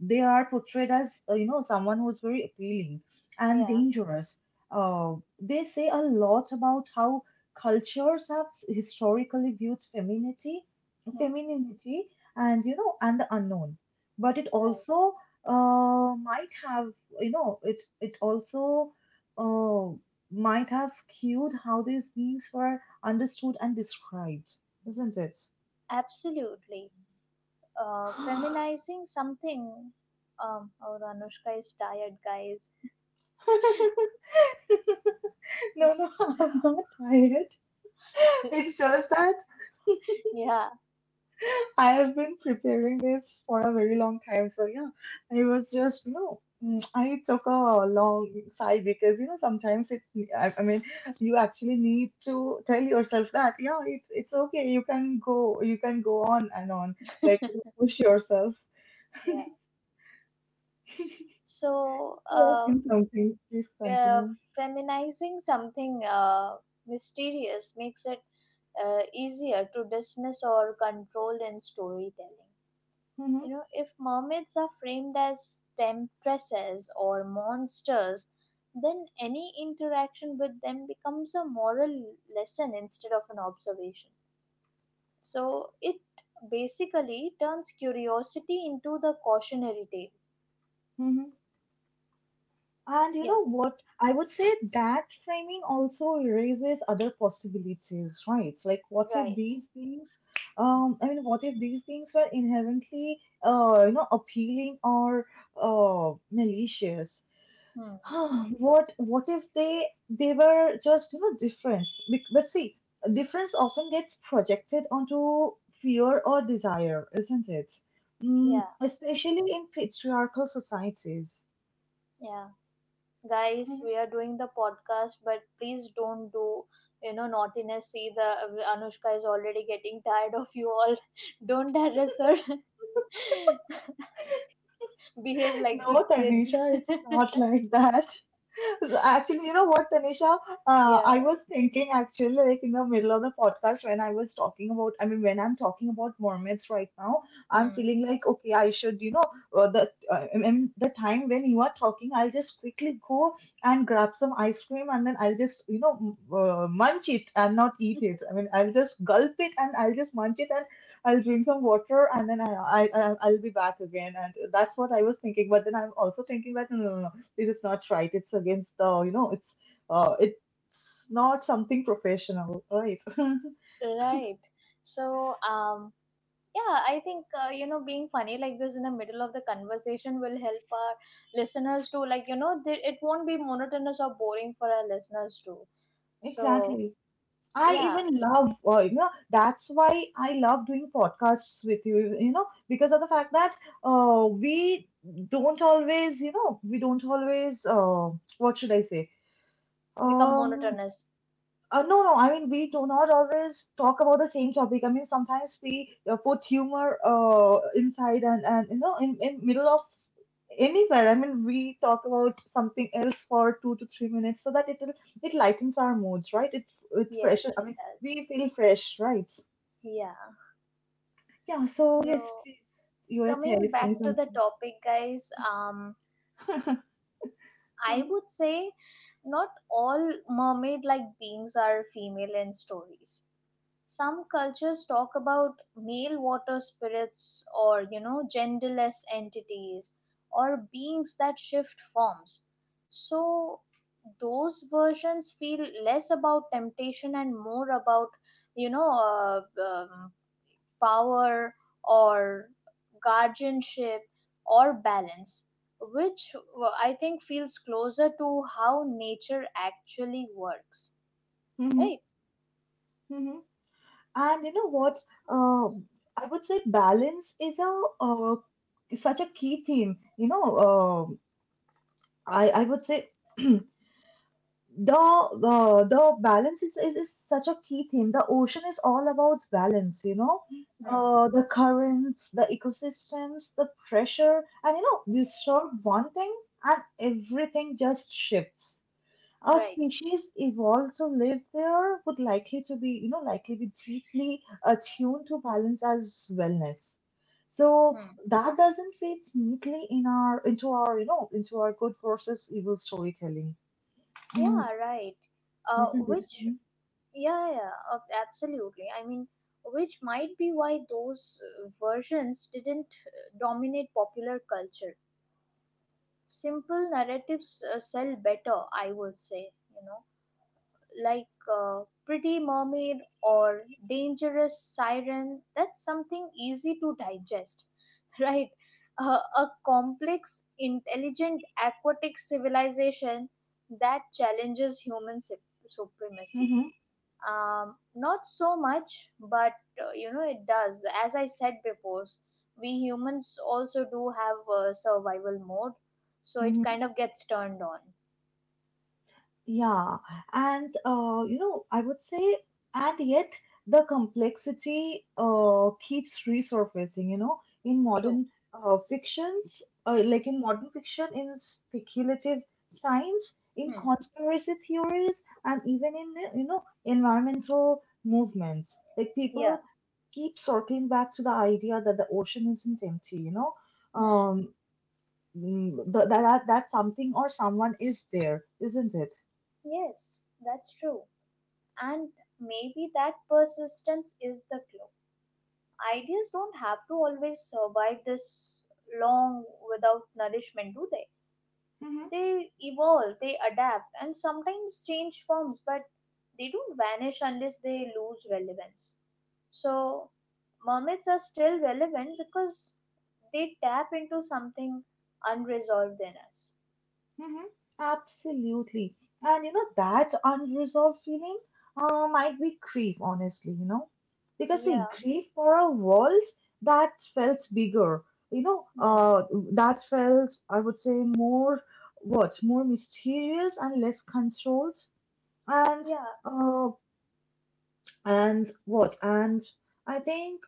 [SPEAKER 1] they are portrayed as, you know, someone who's very appealing and
[SPEAKER 2] Yeah.
[SPEAKER 1] dangerous. uh, they say a lot about how cultures have historically viewed femininity,
[SPEAKER 2] Hmm.
[SPEAKER 1] femininity, and you know, and the unknown. But it
[SPEAKER 2] Right.
[SPEAKER 1] also might have, you know, it also uh, might have skewed how these beings were understood and described, isn't it?
[SPEAKER 2] Absolutely. Uh,
[SPEAKER 1] [GASPS]
[SPEAKER 2] feminizing something, um, oh, Anushka is tired, guys.
[SPEAKER 1] [LAUGHS] No, no,
[SPEAKER 2] [LAUGHS]
[SPEAKER 1] I'm not tired. It's
[SPEAKER 2] So,
[SPEAKER 1] just that
[SPEAKER 2] yeah.
[SPEAKER 1] I have been preparing this for a very long time. So yeah, I was just I took a long sigh because you know sometimes it I mean you actually need to tell yourself that yeah, it's okay, you can go, you can go on and on, like
[SPEAKER 2] [LAUGHS]
[SPEAKER 1] push yourself
[SPEAKER 2] Yeah.
[SPEAKER 1] [LAUGHS]
[SPEAKER 2] So,
[SPEAKER 1] to achieve something. Please
[SPEAKER 2] uh,
[SPEAKER 1] continue.
[SPEAKER 2] feminizing something mysterious makes it easier to dismiss or control in storytelling.
[SPEAKER 1] Mm-hmm.
[SPEAKER 2] You know, if mermaids are framed as temptresses or monsters, then any interaction with them becomes a moral lesson instead of an observation. So, it basically turns curiosity into the cautionary tale.
[SPEAKER 1] And you
[SPEAKER 2] Yeah,
[SPEAKER 1] know what? I would say that framing also raises other possibilities, right? Like, what if
[SPEAKER 2] right.
[SPEAKER 1] these beings,
[SPEAKER 2] Hmm.
[SPEAKER 1] I mean, what if these beings were inherently, you know, appealing or malicious?
[SPEAKER 2] Hmm.
[SPEAKER 1] [SIGHS] What if they were just, you know, different? But see, difference often gets projected onto fear or desire, isn't it?
[SPEAKER 2] Yeah.
[SPEAKER 1] Mm, especially in patriarchal societies.
[SPEAKER 2] Yeah, guys, we are doing the podcast, but please don't do, you know, naughtiness. See, the Anushka is already getting tired of you all. [LAUGHS] Don't harass her. [LAUGHS] Behave like good
[SPEAKER 1] No,
[SPEAKER 2] kids.
[SPEAKER 1] Tanisha, it's
[SPEAKER 2] [LAUGHS]
[SPEAKER 1] not like that. [LAUGHS] So actually, you know what, Tanisha?
[SPEAKER 2] Yeah.
[SPEAKER 1] I was thinking actually, like in the middle of the podcast when I was talking about, I mean, when I'm talking about Mormons right now, I'm
[SPEAKER 2] Hmm.
[SPEAKER 1] feeling like, okay, I should, you know, the I mean, the time when you are talking, I'll just quickly go and grab some ice cream and then I'll just, you know, munch it and not eat it. I mean, I'll just gulp it and I'll just munch it. I'll drink some water and then I'll be back again. And that's what I was thinking. But then I'm also thinking that no, no, no, no, this is not right. It's against the, you know, it's not something professional, right? [LAUGHS]
[SPEAKER 2] Right. So, yeah, I think you know, being funny like this in the middle of the conversation will help our listeners to, like, you know, they, it won't be monotonous or boring for our listeners too. So,
[SPEAKER 1] Exactly. I
[SPEAKER 2] yeah,
[SPEAKER 1] even love, you know, that's why I love doing podcasts with you, you know, because of the fact that we don't always, you know, we don't always, what should I say?
[SPEAKER 2] become
[SPEAKER 1] Um,
[SPEAKER 2] monotonous.
[SPEAKER 1] No, no, I mean, we do not always talk about the same topic. I mean, sometimes we put humor inside, and you know, in middle of anywhere. I mean, we talk about something else for 2 to 3 minutes so that it will- it lightens our moods, right? It fresh.
[SPEAKER 2] Yes,
[SPEAKER 1] I
[SPEAKER 2] it
[SPEAKER 1] mean,
[SPEAKER 2] does.
[SPEAKER 1] we feel fresh, right?
[SPEAKER 2] Yeah.
[SPEAKER 1] Yeah, so yes,
[SPEAKER 2] So,
[SPEAKER 1] please. You were telling
[SPEAKER 2] coming
[SPEAKER 1] saying
[SPEAKER 2] back to the
[SPEAKER 1] something.
[SPEAKER 2] topic, guys,
[SPEAKER 1] [LAUGHS]
[SPEAKER 2] I
[SPEAKER 1] Mhm,
[SPEAKER 2] would say not all mermaid like beings are female in stories. Some cultures talk about male water spirits or, genderless entities or beings that shift forms. So, those versions feel less about temptation and more about, you know, uh, um, power or guardianship or balance, which I think feels closer to how nature actually works,
[SPEAKER 1] mhm,
[SPEAKER 2] right?
[SPEAKER 1] mhm. And you know what? Um, I would say balance is a is such a key theme. You know, um, I would say [CLEARS THROAT] the balance is such a key theme. The ocean is all about balance. You know,
[SPEAKER 2] Hmm.
[SPEAKER 1] the currents, the ecosystems, the pressure, and you know, disturb one thing and everything just shifts. Our
[SPEAKER 2] Right.
[SPEAKER 1] species evolved to live there would likely to be, you know, likely be deeply attuned to balance as wellness. So
[SPEAKER 2] Hmm.
[SPEAKER 1] that doesn't fit neatly in our into our, you know, into our good versus evil storytelling. Mm,
[SPEAKER 2] Yeah. Right.
[SPEAKER 1] isn't it?
[SPEAKER 2] Which, yeah, absolutely. I mean, which might be why those versions didn't dominate popular culture. Simple narratives sell better, I would say. You know, like Pretty Mermaid or Dangerous Siren, that's something easy to digest, [LAUGHS] right? A complex, intelligent, aquatic civilization that challenges human supremacy.
[SPEAKER 1] Mm-hmm.
[SPEAKER 2] Not so much, but you know, it does. As I said before, we humans also do have a survival mode, so it
[SPEAKER 1] Mm-hmm.
[SPEAKER 2] kind of gets turned on.
[SPEAKER 1] Yeah, and you know, I would say, and yet the complexity keeps resurfacing, you know, in
[SPEAKER 2] True.
[SPEAKER 1] modern fictions, like in modern fiction, in speculative science, in
[SPEAKER 2] Hmm.
[SPEAKER 1] conspiracy theories, and even in, you know, environmental movements. Like
[SPEAKER 2] Yeah.
[SPEAKER 1] people keep circling back to the idea that the ocean isn't empty, you know,
[SPEAKER 2] Hmm.
[SPEAKER 1] um, that, that something or someone is there, isn't it?
[SPEAKER 2] Yes, that's true. And maybe that persistence is the clue. Ideas don't have to always survive this long without nourishment, do they?
[SPEAKER 1] Mm-hmm.
[SPEAKER 2] They evolve, they adapt, and sometimes change forms, but they don't vanish unless they lose relevance. So, mermaids are still relevant because they tap into something unresolved in us.
[SPEAKER 1] Mhm. Absolutely. And you know, that unresolved feeling might be grief, honestly, you know, because
[SPEAKER 2] Yeah.
[SPEAKER 1] see, grief for a world that felt bigger, you know,
[SPEAKER 2] Hmm.
[SPEAKER 1] that felt, I would say, more what, more mysterious and less controlled. And,
[SPEAKER 2] Yeah.
[SPEAKER 1] uh, and what, and I think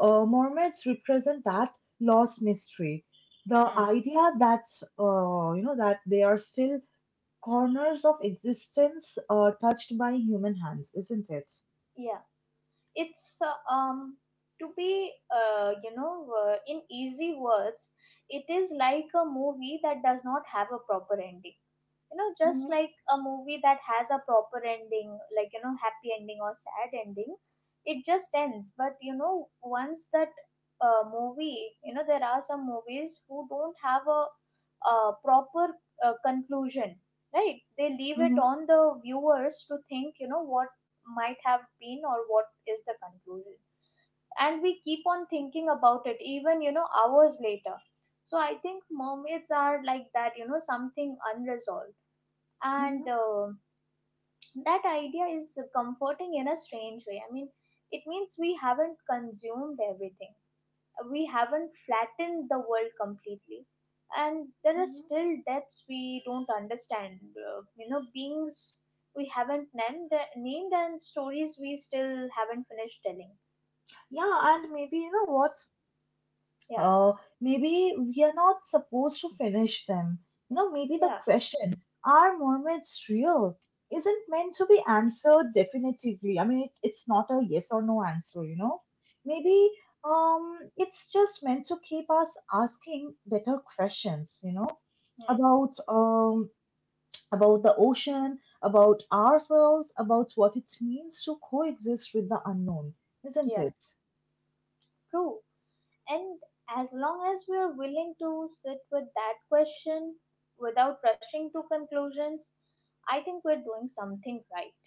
[SPEAKER 1] mermaids represent that lost mystery. The
[SPEAKER 2] Hmm.
[SPEAKER 1] idea that, you know, that they are still corners of existence touched by human hands, isn't it?
[SPEAKER 2] Yeah. It's to be in easy words, it is like a movie that does not have a proper ending. You know, just
[SPEAKER 1] Mm-hmm,
[SPEAKER 2] like a movie that has a proper ending, like, you know, happy ending or sad ending, it just ends. But you know, once that movie, you know, there are some movies who don't have a, proper conclusion, right? They leave it
[SPEAKER 1] mm-hmm,
[SPEAKER 2] on the viewers to think, you know, what might have been or what is the conclusion. And we keep on thinking about it even, you know, hours later. So I think mermaids are like that, you know, something unresolved.
[SPEAKER 1] mm-hmm,
[SPEAKER 2] And that idea is comforting in a strange way. I mean, it means we haven't consumed everything. We haven't flattened the world completely, and there are
[SPEAKER 1] mm-hmm.
[SPEAKER 2] still depths we don't understand. You know, beings we haven't named, and stories we still haven't finished telling.
[SPEAKER 1] Yeah, and maybe you know what?
[SPEAKER 2] Yeah.
[SPEAKER 1] Uh, maybe we are not supposed to finish them. You know, maybe the
[SPEAKER 2] Yeah.
[SPEAKER 1] question, are mermaids real? Isn't meant to be answered definitively. I mean, it's not a yes or no answer, you know? Maybe it's just meant to keep us asking better questions, you know,
[SPEAKER 2] Hmm.
[SPEAKER 1] about um, about the ocean, about ourselves, about what it means to coexist with the unknown, isn't
[SPEAKER 2] Yeah.
[SPEAKER 1] it?
[SPEAKER 2] True. And as long as we are willing to sit with that question without rushing to conclusions, I think we're doing something right.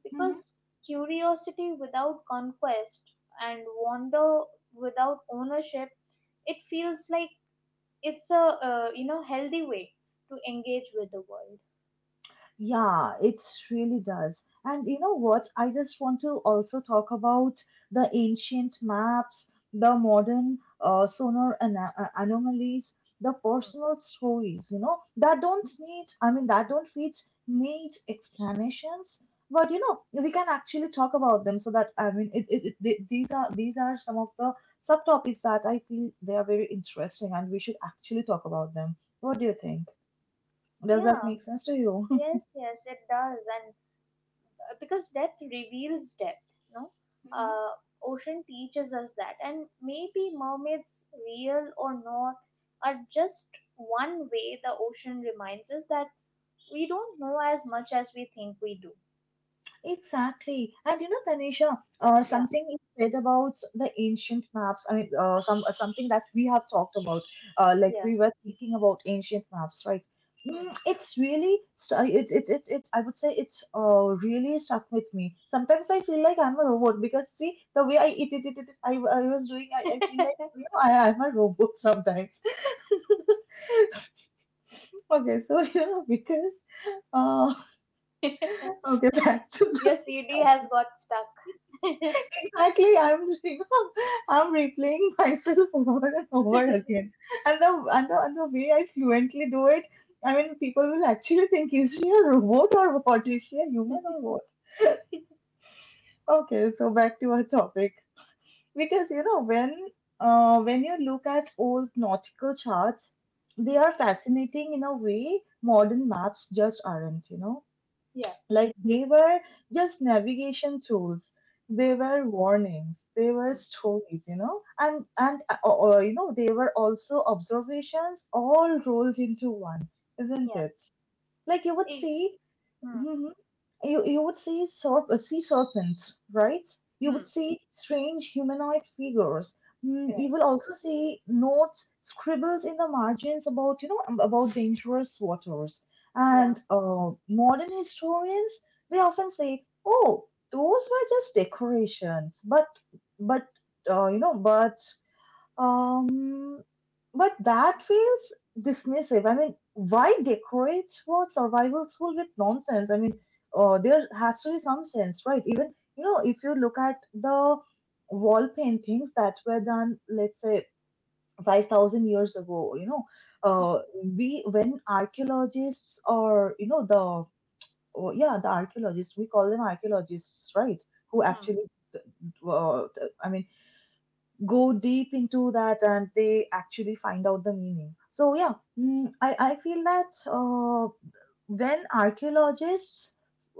[SPEAKER 2] Because curiosity without conquest and wonder without ownership, it feels like it's a healthy way to engage with the world.
[SPEAKER 1] Yeah, it really does. And you know what? I just want to also talk about the ancient maps, the modern sonar ana anomalies, the
[SPEAKER 2] Hmm.
[SPEAKER 1] personal stories, you know, that don't need, I mean, that don't need neat explanations. But you know, we can actually talk about them so that, I mean, these are some of the subtopics that I feel they are very interesting and we should actually talk about them. What do you think? Does that
[SPEAKER 2] Yeah,
[SPEAKER 1] make sense to you?
[SPEAKER 2] yes, yes, it does. And because depth reveals depth, no
[SPEAKER 1] [LAUGHS]
[SPEAKER 2] uh, ocean teaches us that. And maybe mermaids, real or not, are just one way the ocean reminds us that we don't know as much as we think we do.
[SPEAKER 1] Exactly. And you know, Tanisha,
[SPEAKER 2] Yeah.
[SPEAKER 1] something you said about the ancient maps, I mean, something that we have talked about, like
[SPEAKER 2] Yeah.
[SPEAKER 1] we were thinking about ancient maps, right?
[SPEAKER 2] Hmm.
[SPEAKER 1] Mm, it's really, st- it, it, it, it, I would say it's really stuck with me. Sometimes I feel like I'm a robot because see, the way I I was doing, I feel like, you know, I, I'm a robot sometimes. [LAUGHS] Okay, so, you know, because, uh, [LAUGHS]
[SPEAKER 2] [LAUGHS]
[SPEAKER 1] okay, back to
[SPEAKER 2] Your CD has got stuck. [LAUGHS] Hmm.
[SPEAKER 1] exactly, [LAUGHS] I'm replaying myself [LAUGHS] over and over again, and the way I fluently do it, I mean, people will actually think, is she a robot or what? Is she a human or what? [LAUGHS] Okay, so back to our topic because you know when you look at old nautical charts, they are fascinating in a way modern maps just aren't. You know,
[SPEAKER 2] Yeah.
[SPEAKER 1] like they were just navigation tools. They
[SPEAKER 2] Hmm.
[SPEAKER 1] were warnings. They were
[SPEAKER 2] Hmm.
[SPEAKER 1] stories, you know, and you know they were also observations, all rolled into one, isn't
[SPEAKER 2] Yeah.
[SPEAKER 1] it? Like you would
[SPEAKER 2] Eh,
[SPEAKER 1] see
[SPEAKER 2] hmm.
[SPEAKER 1] Mhm. You would see sea serpents, right? You would
[SPEAKER 2] Hmm.
[SPEAKER 1] see strange humanoid figures. Mm, you
[SPEAKER 2] Right.
[SPEAKER 1] will also see notes scribbles in the margins about you know about dangerous waters.
[SPEAKER 2] Yeah.
[SPEAKER 1] And modern historians they often say, "Oh, those were just decorations," but you know, um, but that feels dismissive. I mean, why decorate for survival school with nonsense? I mean, there has to be some sense, right? Even, you know, if you look at the wall paintings that were done, let's say, 5,000 years ago, you know,
[SPEAKER 2] Mhm.
[SPEAKER 1] uh, we, when archaeologists or, you know, the, oh, yeah, the archaeologists, we call them archaeologists, right? Who
[SPEAKER 2] Hmm.
[SPEAKER 1] actually, uh, I mean, go deep into that and they actually find out the meaning. So, yeah, mm, I feel that when archaeologists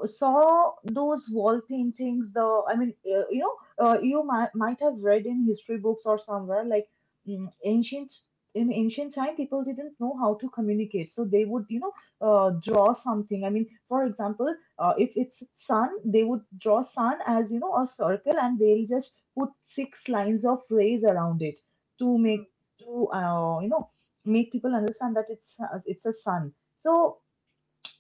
[SPEAKER 1] saw those wall paintings, the I mean, you know, you might have read in history books or somewhere like mm, ancient in ancient time people didn't know how to communicate, so they would, you know, draw something. I mean, for example, if it's sun, they would draw sun as, you know, a circle and they'll just put six lines of rays around it to
[SPEAKER 2] Hmm.
[SPEAKER 1] make to you know make people understand that it's a sun. So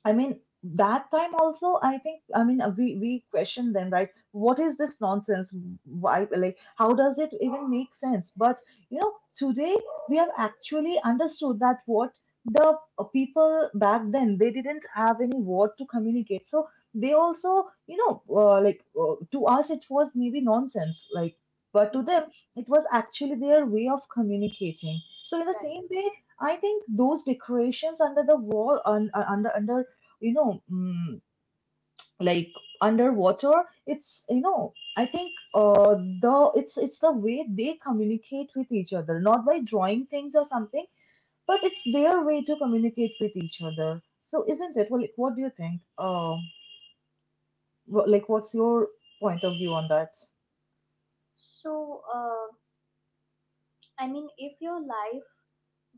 [SPEAKER 1] I mean, that time also, I think, I mean, we question them, right? What is this nonsense? Why, like, how does it even make sense? But you know, today we have actually understood that what the people back then they didn't have any word to communicate, so they also, you know, to us it was maybe nonsense, like, but to
[SPEAKER 2] Hmm.
[SPEAKER 1] them it was actually their way of communicating. So in the
[SPEAKER 2] Right.
[SPEAKER 1] same way, I think those decorations under the wall, under under, you know, mm, like underwater. It's you know, I think the it's the way they communicate with each other, not by drawing things or something, but it's their way to communicate with each other. So isn't it? Well, like, what do you think? Like, what's your point of view on that?
[SPEAKER 2] So, I mean, if your life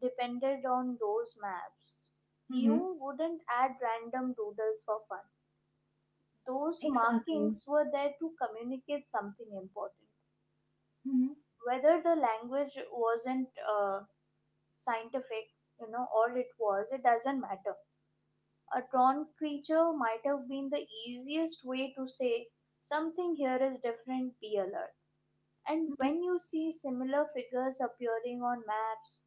[SPEAKER 2] depended on those maps,
[SPEAKER 1] Mm-hmm.
[SPEAKER 2] you wouldn't add random doodles for fun. Those
[SPEAKER 1] Exactly.
[SPEAKER 2] markings were there to communicate something important.
[SPEAKER 1] Mm-hmm.
[SPEAKER 2] Whether the language wasn't scientific, you know, or it was, it doesn't matter. A drawn creature might have been the easiest way to say something here is different, be alert. And
[SPEAKER 1] Mm-hmm.
[SPEAKER 2] when you see similar figures appearing on maps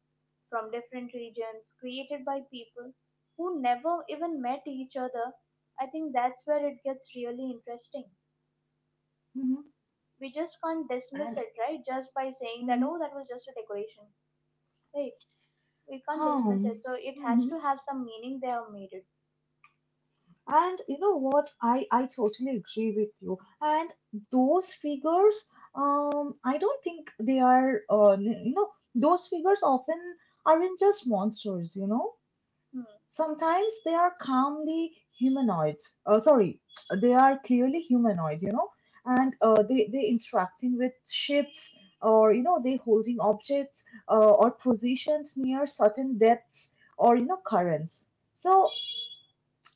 [SPEAKER 2] from different regions created by people who never even met each other, I think that's where it gets really interesting.
[SPEAKER 1] Mm-hmm.
[SPEAKER 2] We just can't dismiss
[SPEAKER 1] And
[SPEAKER 2] it, right? Just by saying that,
[SPEAKER 1] mm-hmm.
[SPEAKER 2] oh, that was just a decoration, right? We can't dismiss
[SPEAKER 1] Home.
[SPEAKER 2] it. So it has to have some meaning they have made it.
[SPEAKER 1] And you know what? I totally agree with you. And those figures, I don't think they are, you know, those figures often aren't just monsters. You know,
[SPEAKER 2] Hmm.
[SPEAKER 1] sometimes they are calmly humanoids. They are clearly humanoid. You know,
[SPEAKER 2] Hmm.
[SPEAKER 1] and they interacting with ships, or you know, they holding objects, or positions near certain depths, or you know, currents. So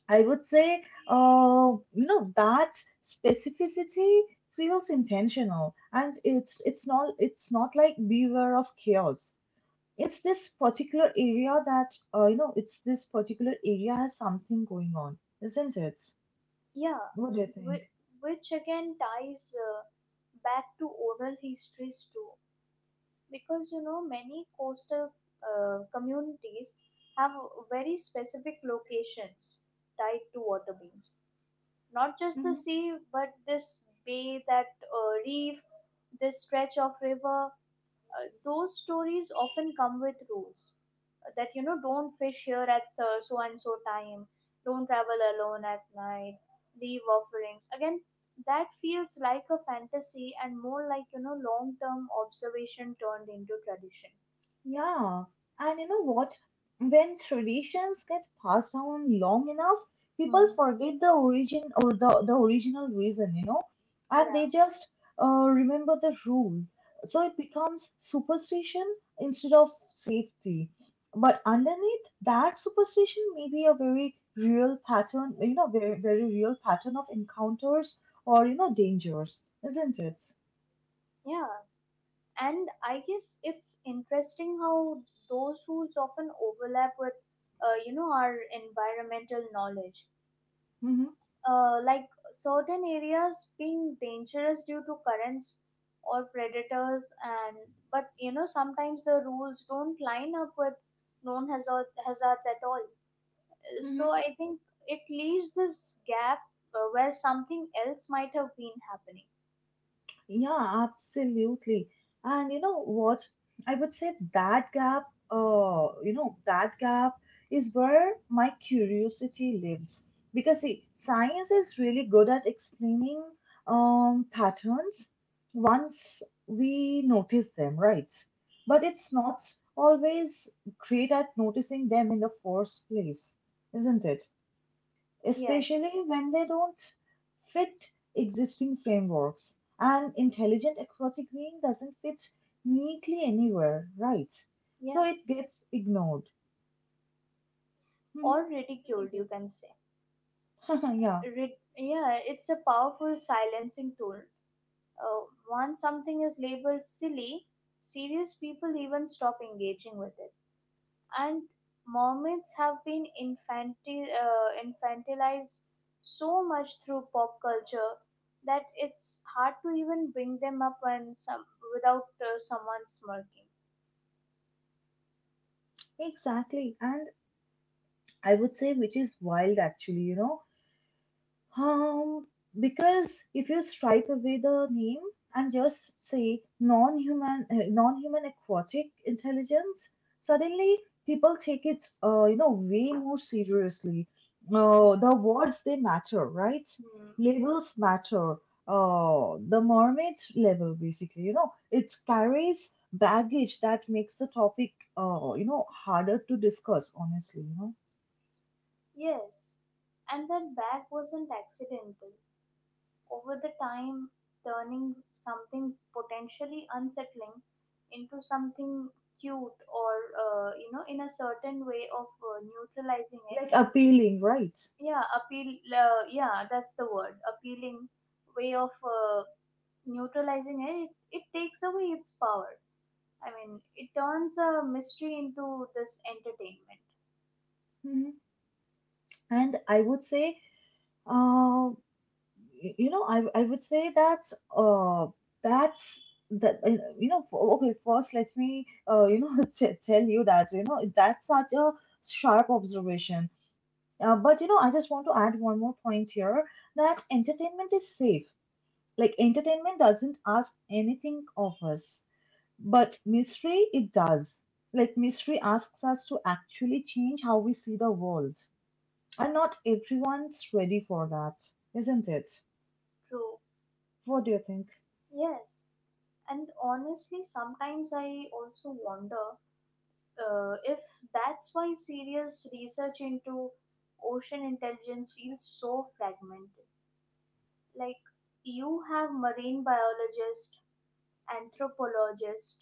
[SPEAKER 1] I would say, you know, that specificity feels intentional, and it's not it's not like beware of chaos. It's this particular area that you know, it's this particular area has something going on, isn't it?
[SPEAKER 2] Yeah.
[SPEAKER 1] What do you
[SPEAKER 2] Whi-
[SPEAKER 1] think?
[SPEAKER 2] Which again ties back to oral histories too, because you know, many coastal communities have very specific locations tied to water beings, not just the sea but this bay, that reef, this stretch of river. Uh, those stories often come with rules, that you know, don't fish here at so so and so time, don't travel alone at night, leave offerings. Again, that feels like a fantasy and more like, you know, long term observation turned into tradition.
[SPEAKER 1] Yeah, and you know what? When traditions get passed down long enough, people
[SPEAKER 2] Hmm.
[SPEAKER 1] forget the origin or the original reason, you know, and
[SPEAKER 2] Yeah.
[SPEAKER 1] they just remember the rule. So it becomes superstition instead of safety. But underneath that superstition may be a very real pattern, very, very real pattern of encounters or, dangers, isn't it?
[SPEAKER 2] Yeah, and I guess it's interesting how those rules often overlap with you know, our environmental knowledge,
[SPEAKER 1] Mm-hmm.
[SPEAKER 2] like certain areas being dangerous due to currents or predators. And but you know, sometimes the rules don't line up with known hazards at all.
[SPEAKER 1] Mm-hmm.
[SPEAKER 2] So I think it leaves this gap where something else might have been happening.
[SPEAKER 1] Yeah, absolutely. And you know what? I would say that gap, that gap is where my curiosity lives. Because see, science is really good at explaining patterns once we notice them, right? But
[SPEAKER 2] Hmm.
[SPEAKER 1] it's not always great at noticing them in the first place, isn't it? Especially
[SPEAKER 2] Yes.
[SPEAKER 1] when they don't fit existing frameworks. And
[SPEAKER 2] Hmm.
[SPEAKER 1] intelligent aquatic being doesn't fit neatly anywhere, right? So
[SPEAKER 2] Yeah.
[SPEAKER 1] it gets ignored.
[SPEAKER 2] Or
[SPEAKER 1] Mhm.
[SPEAKER 2] ridiculed,
[SPEAKER 1] Isn't
[SPEAKER 2] you
[SPEAKER 1] it?
[SPEAKER 2] can say.
[SPEAKER 1] [LAUGHS] Yeah,
[SPEAKER 2] Yeah, it's a powerful silencing tool. Once something is labeled silly, serious people even stop engaging with it. And mermaids have been infantilized so much through pop culture that it's hard to even bring them up when some without someone smirking.
[SPEAKER 1] exactly. And I would say, which is wild actually, you know. Um, because if you stripe away the name and just say non-human, non-human aquatic intelligence, suddenly people take it, way more seriously.
[SPEAKER 2] Yeah.
[SPEAKER 1] The words they matter, right?
[SPEAKER 2] Hmm.
[SPEAKER 1] Labels matter. The mermaid level, basically, it carries baggage that makes the topic, harder to discuss. Honestly,
[SPEAKER 2] Yes. And that bag wasn't accidental. Over the time, turning something potentially unsettling into something cute or you know, in a certain way of neutralizing it.
[SPEAKER 1] Like appealing, right?
[SPEAKER 2] Yeah, appeal yeah, that's the word, appealing way of neutralizing it. It takes away its power. I mean, it turns a mystery into this entertainment.
[SPEAKER 1] Mhm. And I would say, uh, you know, I would say that that's that you know, for, okay. First, let me you know [LAUGHS] tell you that you know that's such a sharp observation. But you know, I just want to add one more point here that entertainment is safe. Like entertainment doesn't ask anything of us, but mystery it does. Like mystery asks us to actually change how we see the world. And not everyone's ready for that, isn't it?
[SPEAKER 2] True.
[SPEAKER 1] What do you think?
[SPEAKER 2] Yes. And honestly, sometimes I also wonder if that's why serious research into ocean intelligence feels so fragmented. Like, you have marine biologists, anthropologists,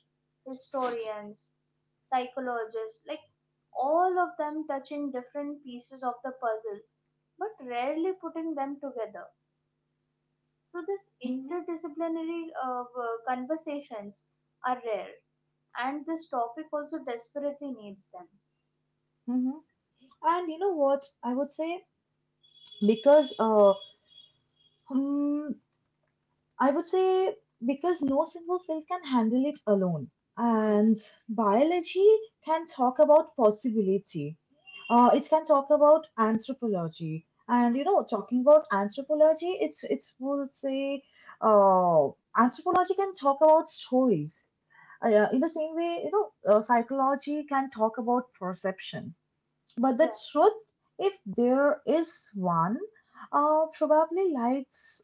[SPEAKER 2] historians, psychologists, like all of them touching different pieces of the puzzle, but rarely putting them together. So this
[SPEAKER 1] Mm-hmm,
[SPEAKER 2] interdisciplinary conversations are rare, and this topic also desperately needs them.
[SPEAKER 1] mm-hmm. And you know what? I would say because uh, hmm, I would say because no single field can handle it alone.
[SPEAKER 2] Hmm.
[SPEAKER 1] And biology can talk about possibility. It can talk about anthropology.
[SPEAKER 2] Hmm.
[SPEAKER 1] And you know, talking about anthropology, it's would say uh, anthropology can talk about stories. Yeah, in the same way, you know, psychology can talk about perception, but
[SPEAKER 2] Yeah.
[SPEAKER 1] the truth, if there is one, probably lies,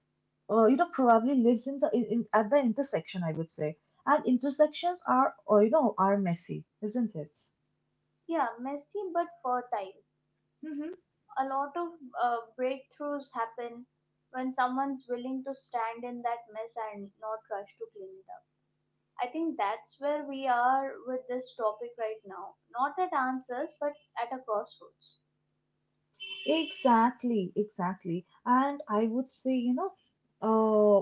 [SPEAKER 1] probably lives in the in, at the intersection. I would say, and intersections are, are messy, isn't it?
[SPEAKER 2] Yeah, messy but fertile.
[SPEAKER 1] Hmm.
[SPEAKER 2] A lot of breakthroughs happen when someone's willing to stand in that mess and not rush to clean it up. I think that's where we are with this topic right now. Not at answers, but at a crossroads.
[SPEAKER 1] Exactly, exactly. And I would say, you know, uh,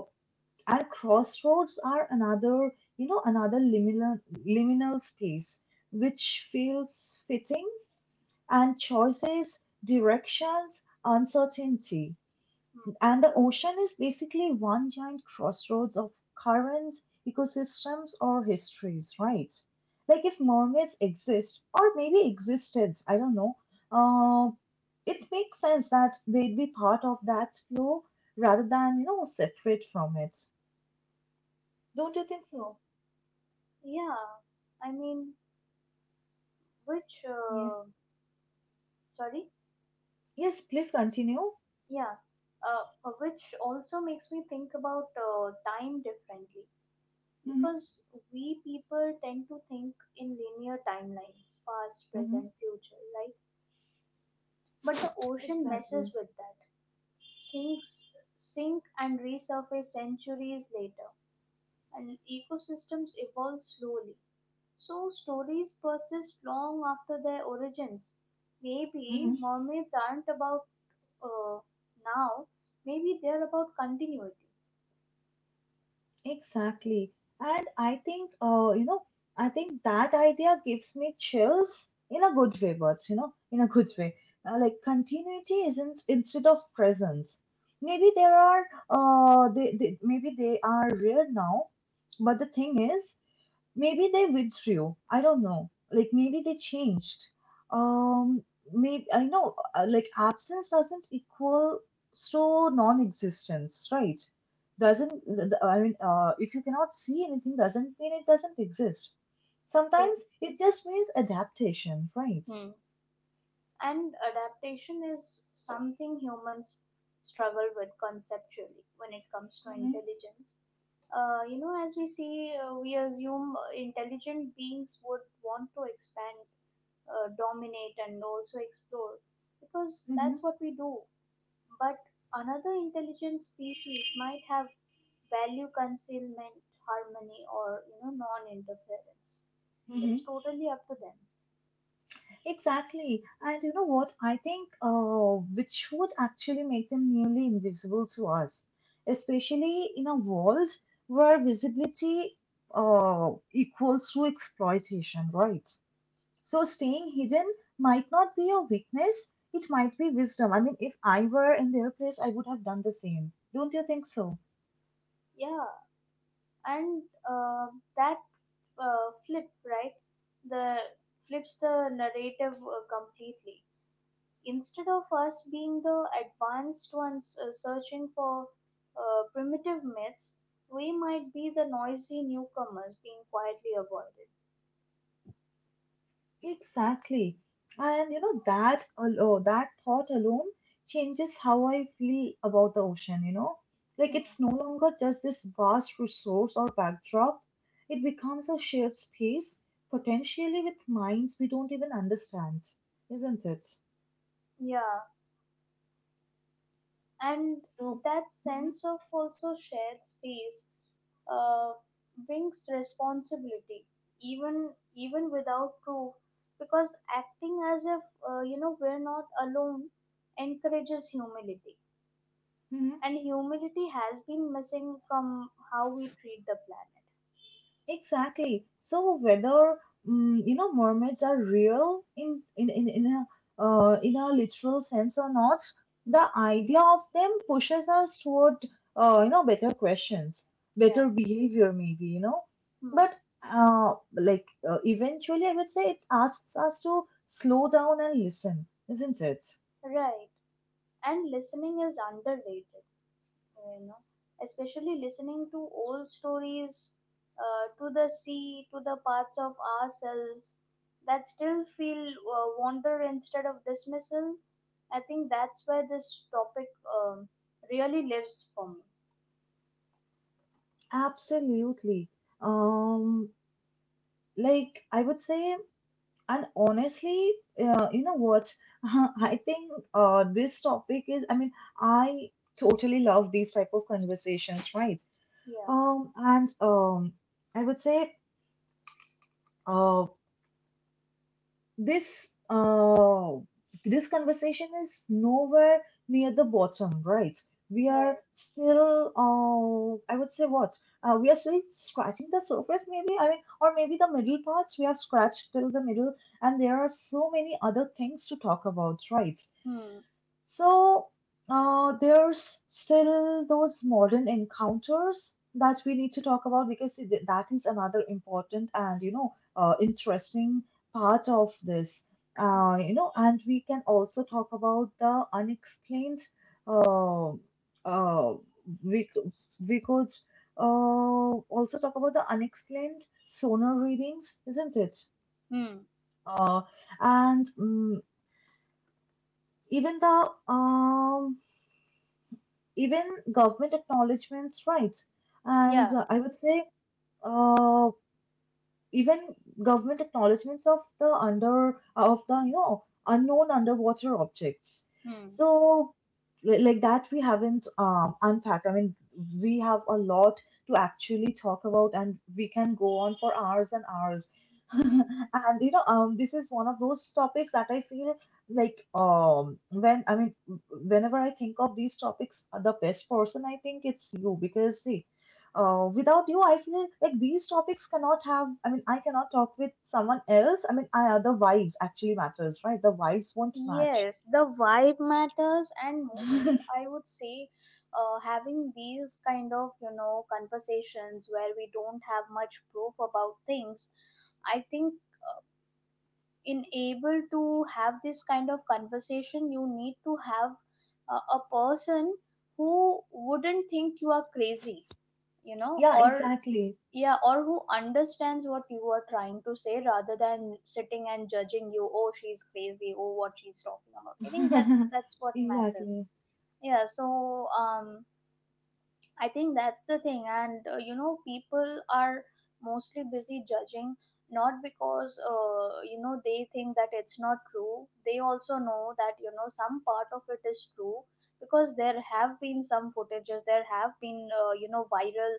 [SPEAKER 1] and crossroads are another, another liminal space which feels fitting, and choices, directions, uncertainty.
[SPEAKER 2] Hmm.
[SPEAKER 1] And the ocean is basically one giant crossroads of currents, ecosystems, or histories, right? Like if mermaids exist, or maybe existed, I don't know, uh, it makes sense that they'd be part of that flow rather than, you know, separate from it. Don't you think so?
[SPEAKER 2] Yeah, I mean, which,
[SPEAKER 1] Yes.
[SPEAKER 2] sorry?
[SPEAKER 1] Yes, please continue.
[SPEAKER 2] Yeah, which also makes me think about time differently.
[SPEAKER 1] Mm-hmm.
[SPEAKER 2] Because we people tend to think in linear timelines, past,
[SPEAKER 1] Mm-hmm.
[SPEAKER 2] present, future, right? But the ocean
[SPEAKER 1] Exactly.
[SPEAKER 2] messes with that. Things sink and resurface centuries later, and ecosystems evolve slowly. So stories persist long after their origins. Maybe
[SPEAKER 1] Mm-hmm.
[SPEAKER 2] mermaids aren't about uh, now, maybe they're about continuity.
[SPEAKER 1] Exactly. And I think, you know, I think that idea gives me chills in a good way, but, you know, in a
[SPEAKER 2] Hmm.
[SPEAKER 1] good way. Like continuity isn't instead of presence. Maybe there are, maybe they are rare now, but the thing is, maybe they withdrew. I don't know. Like maybe they changed. Um, Maybe I know. Like absence doesn't equal so non-existence, right?
[SPEAKER 2] Hmm.
[SPEAKER 1] Doesn't I mean? If you cannot see anything, doesn't mean it doesn't exist. Sometimes it just means adaptation, right?
[SPEAKER 2] True. And adaptation is something humans struggle with conceptually when it comes to intelligence. You know, as we see, we assume intelligent beings would want to expand, dominate, and also explore because
[SPEAKER 1] Mm-hmm.
[SPEAKER 2] that's what we do. But another intelligent species might have value concealment, harmony, or you know, non interference. It's
[SPEAKER 1] Mm-hmm.
[SPEAKER 2] totally up to them.
[SPEAKER 1] Exactly. And you know what? I think which would actually make them nearly invisible to us, especially in a world where visibility equals to exploitation, right? So staying hidden might not be a weakness, it might be wisdom. I mean, if I were in their place, I would have done the same. Don't you think so?
[SPEAKER 2] Yeah, and that flip, right, the flips the narrative completely. Instead of us being the advanced ones searching for primitive myths, we might be the noisy newcomers being quietly avoided.
[SPEAKER 1] Exactly. And you know that alone, that thought alone changes how I feel about the ocean, you know? Like
[SPEAKER 2] Hmm.
[SPEAKER 1] it's no longer just this vast resource or backdrop. It becomes a shared space, potentially with minds we don't even understand, isn't it?
[SPEAKER 2] Yeah, and
[SPEAKER 1] So,
[SPEAKER 2] that
[SPEAKER 1] mhm,
[SPEAKER 2] sense of also shared space uh, brings responsibility, even even without proof, because acting as if you know, we're not alone, encourages humility.
[SPEAKER 1] mhm.
[SPEAKER 2] And humility has been missing from how we treat the planet.
[SPEAKER 1] Exactly. So whether you know mermaids are real in a literal sense or not,
[SPEAKER 2] Hmm.
[SPEAKER 1] the idea of them pushes us toward you know better questions,
[SPEAKER 2] Yeah.
[SPEAKER 1] better behavior maybe you know,
[SPEAKER 2] Hmm.
[SPEAKER 1] but eventually I would say it asks us to slow down and listen, isn't it?
[SPEAKER 2] Right. And listening is underrated, you know, especially listening to old stories, to the sea, to the parts of ourselves that still feel wonder instead of dismissal. I think that's where this topic um, really lives for me.
[SPEAKER 1] Absolutely. Um, like I would say. And honestly, you know what? [LAUGHS] I think this topic is, I mean, I totally love these type of conversations, right?
[SPEAKER 2] Yeah.
[SPEAKER 1] And I would say, uh, This uh, this conversation is nowhere near the bottom, right? We are
[SPEAKER 2] Right.
[SPEAKER 1] still, I would say, what? We are still scratching the surface, maybe. I mean, or maybe the middle parts we have scratched till the middle, and there are so many other things to talk about, right?
[SPEAKER 2] Hmm.
[SPEAKER 1] So there's still those modern encounters that we need to talk about because that is another important and you know interesting part of this.
[SPEAKER 2] Hmm.
[SPEAKER 1] You know, and we can also talk about the unexplained. Uh, uh, we c- we could also talk about the unexplained sonar readings, isn't it?
[SPEAKER 2] Hmm.
[SPEAKER 1] Uh, and mm Even the even government acknowledgements, right? And
[SPEAKER 2] Yeah.
[SPEAKER 1] I would say, uh, even government acknowledgments of the you know unknown underwater objects.
[SPEAKER 2] Hmm.
[SPEAKER 1] So like that we haven't unpacked, I mean, we have a lot to actually talk about, and we can go on for hours and hours. [LAUGHS]
[SPEAKER 2] Hmm.
[SPEAKER 1] And you know this is one of those topics that I feel like whenever I think of these topics the best person I think it's you, because see, without you, I feel like these topics cannot have. I mean, I cannot talk with someone else. The vibes actually matters, right? The vibes won't match.
[SPEAKER 2] Yes, the vibe matters, and mostly I would say having these kind of, you know, conversations where we don't have much proof about things. I think in able to have this kind of conversation, you need to have a person who wouldn't think you are crazy, you
[SPEAKER 1] [LAUGHS]
[SPEAKER 2] know,
[SPEAKER 1] Yeah,
[SPEAKER 2] or
[SPEAKER 1] exactly.
[SPEAKER 2] yeah, or who understands what you are trying to say rather than sitting and judging you, oh she's crazy, oh what she's talking about. I
[SPEAKER 1] [LAUGHS]
[SPEAKER 2] think that's what matters.
[SPEAKER 1] Exactly.
[SPEAKER 2] Yeah, so, um, I think that's the thing. And you know, people are mostly busy judging not because you know, they think that it's not true. They also know that you know some part of it is true, because there have been some footages, there have been you know, viral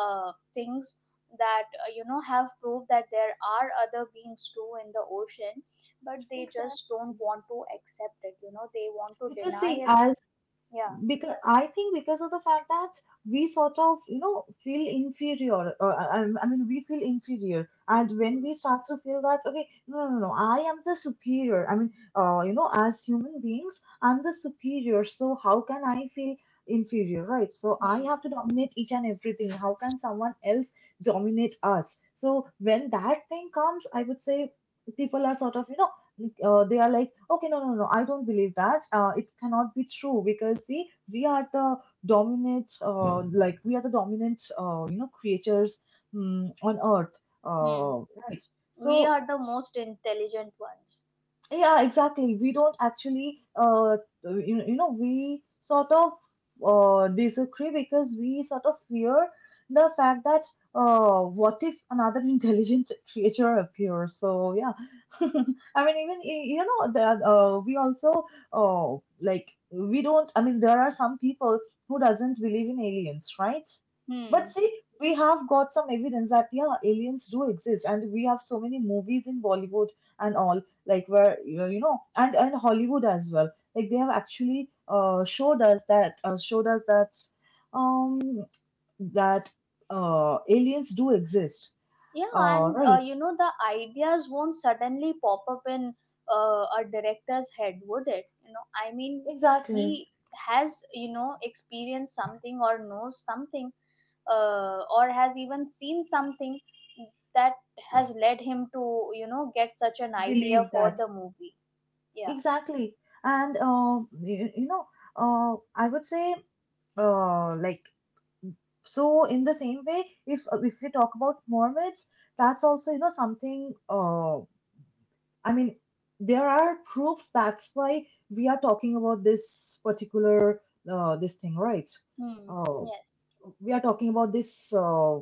[SPEAKER 2] things that you know, have proved that there are other beings too in the ocean, but they
[SPEAKER 1] Exactly.
[SPEAKER 2] just don't want to accept it. You know, they want to
[SPEAKER 1] Because see,
[SPEAKER 2] deny it.
[SPEAKER 1] as
[SPEAKER 2] Yeah.
[SPEAKER 1] because I think because of the fact that we sort of you know feel inferior, or I mean we feel inferior, and when we
[SPEAKER 2] Hmm.
[SPEAKER 1] start to feel that okay no no no I am the superior I mean you know as human beings I'm the superior, so how can I feel inferior, right? So I
[SPEAKER 2] Hmm.
[SPEAKER 1] have to dominate each and everything. How can someone else dominate us? So when that thing comes I would say people are sort of you know like, they are like, okay, no, no, no, I don't believe that. It cannot be true because see, we are the dominant, you know, creators on Earth,
[SPEAKER 2] Hmm.
[SPEAKER 1] uh, right?
[SPEAKER 2] We
[SPEAKER 1] So
[SPEAKER 2] are the most intelligent ones.
[SPEAKER 1] yeah, exactly. We don't actually, you know, we sort of disagree because we sort of fear the fact that what if another [LAUGHS] intelligent creature appears? So yeah, [LAUGHS] I mean, even you know that we also uh, we don't. I mean, there are some people who doesn't believe in aliens, right? But
[SPEAKER 2] Hmm.
[SPEAKER 1] see, we have got some evidence that yeah, aliens do exist, and we have so many movies in Bollywood and all, like where you know, and Hollywood as well, like they have actually showed us that um that aliens do exist.
[SPEAKER 2] Yeah, and
[SPEAKER 1] Right.
[SPEAKER 2] you know, the ideas won't suddenly pop up in a director's head, would it? You know, I mean, he
[SPEAKER 1] Exactly.
[SPEAKER 2] has, you know, experienced something or knows something, or has even seen something that has led him to, you know, get such an idea
[SPEAKER 1] Believe
[SPEAKER 2] for
[SPEAKER 1] that.
[SPEAKER 2] the movie. Yeah.
[SPEAKER 1] Exactly. And you know, I would say, uh, like so in the same way, if we talk about mermaids, that's also you know something. I mean, there are proofs. That's why we are talking about this particular this thing, right?
[SPEAKER 2] Hmm.
[SPEAKER 1] Uh,
[SPEAKER 2] Yes.
[SPEAKER 1] we are talking about this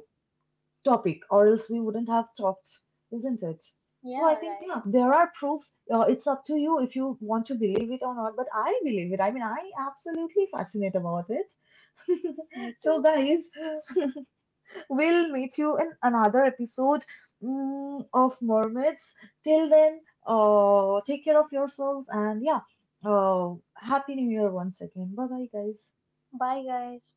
[SPEAKER 1] topic, or else we wouldn't have talked, isn't it? So
[SPEAKER 2] Yeah.
[SPEAKER 1] I think
[SPEAKER 2] Right.
[SPEAKER 1] yeah, there are proofs. It's up to you if you want to believe it or not. But I believe it. I mean, I absolutely fascinate about it.
[SPEAKER 2] Me
[SPEAKER 1] [LAUGHS] So
[SPEAKER 2] too.
[SPEAKER 1] guys, [LAUGHS] we'll meet you in another episode of Mermaids. Till then, take care of yourselves, and yeah, Happy New Year once again. Bye bye, guys.
[SPEAKER 2] Bye, guys.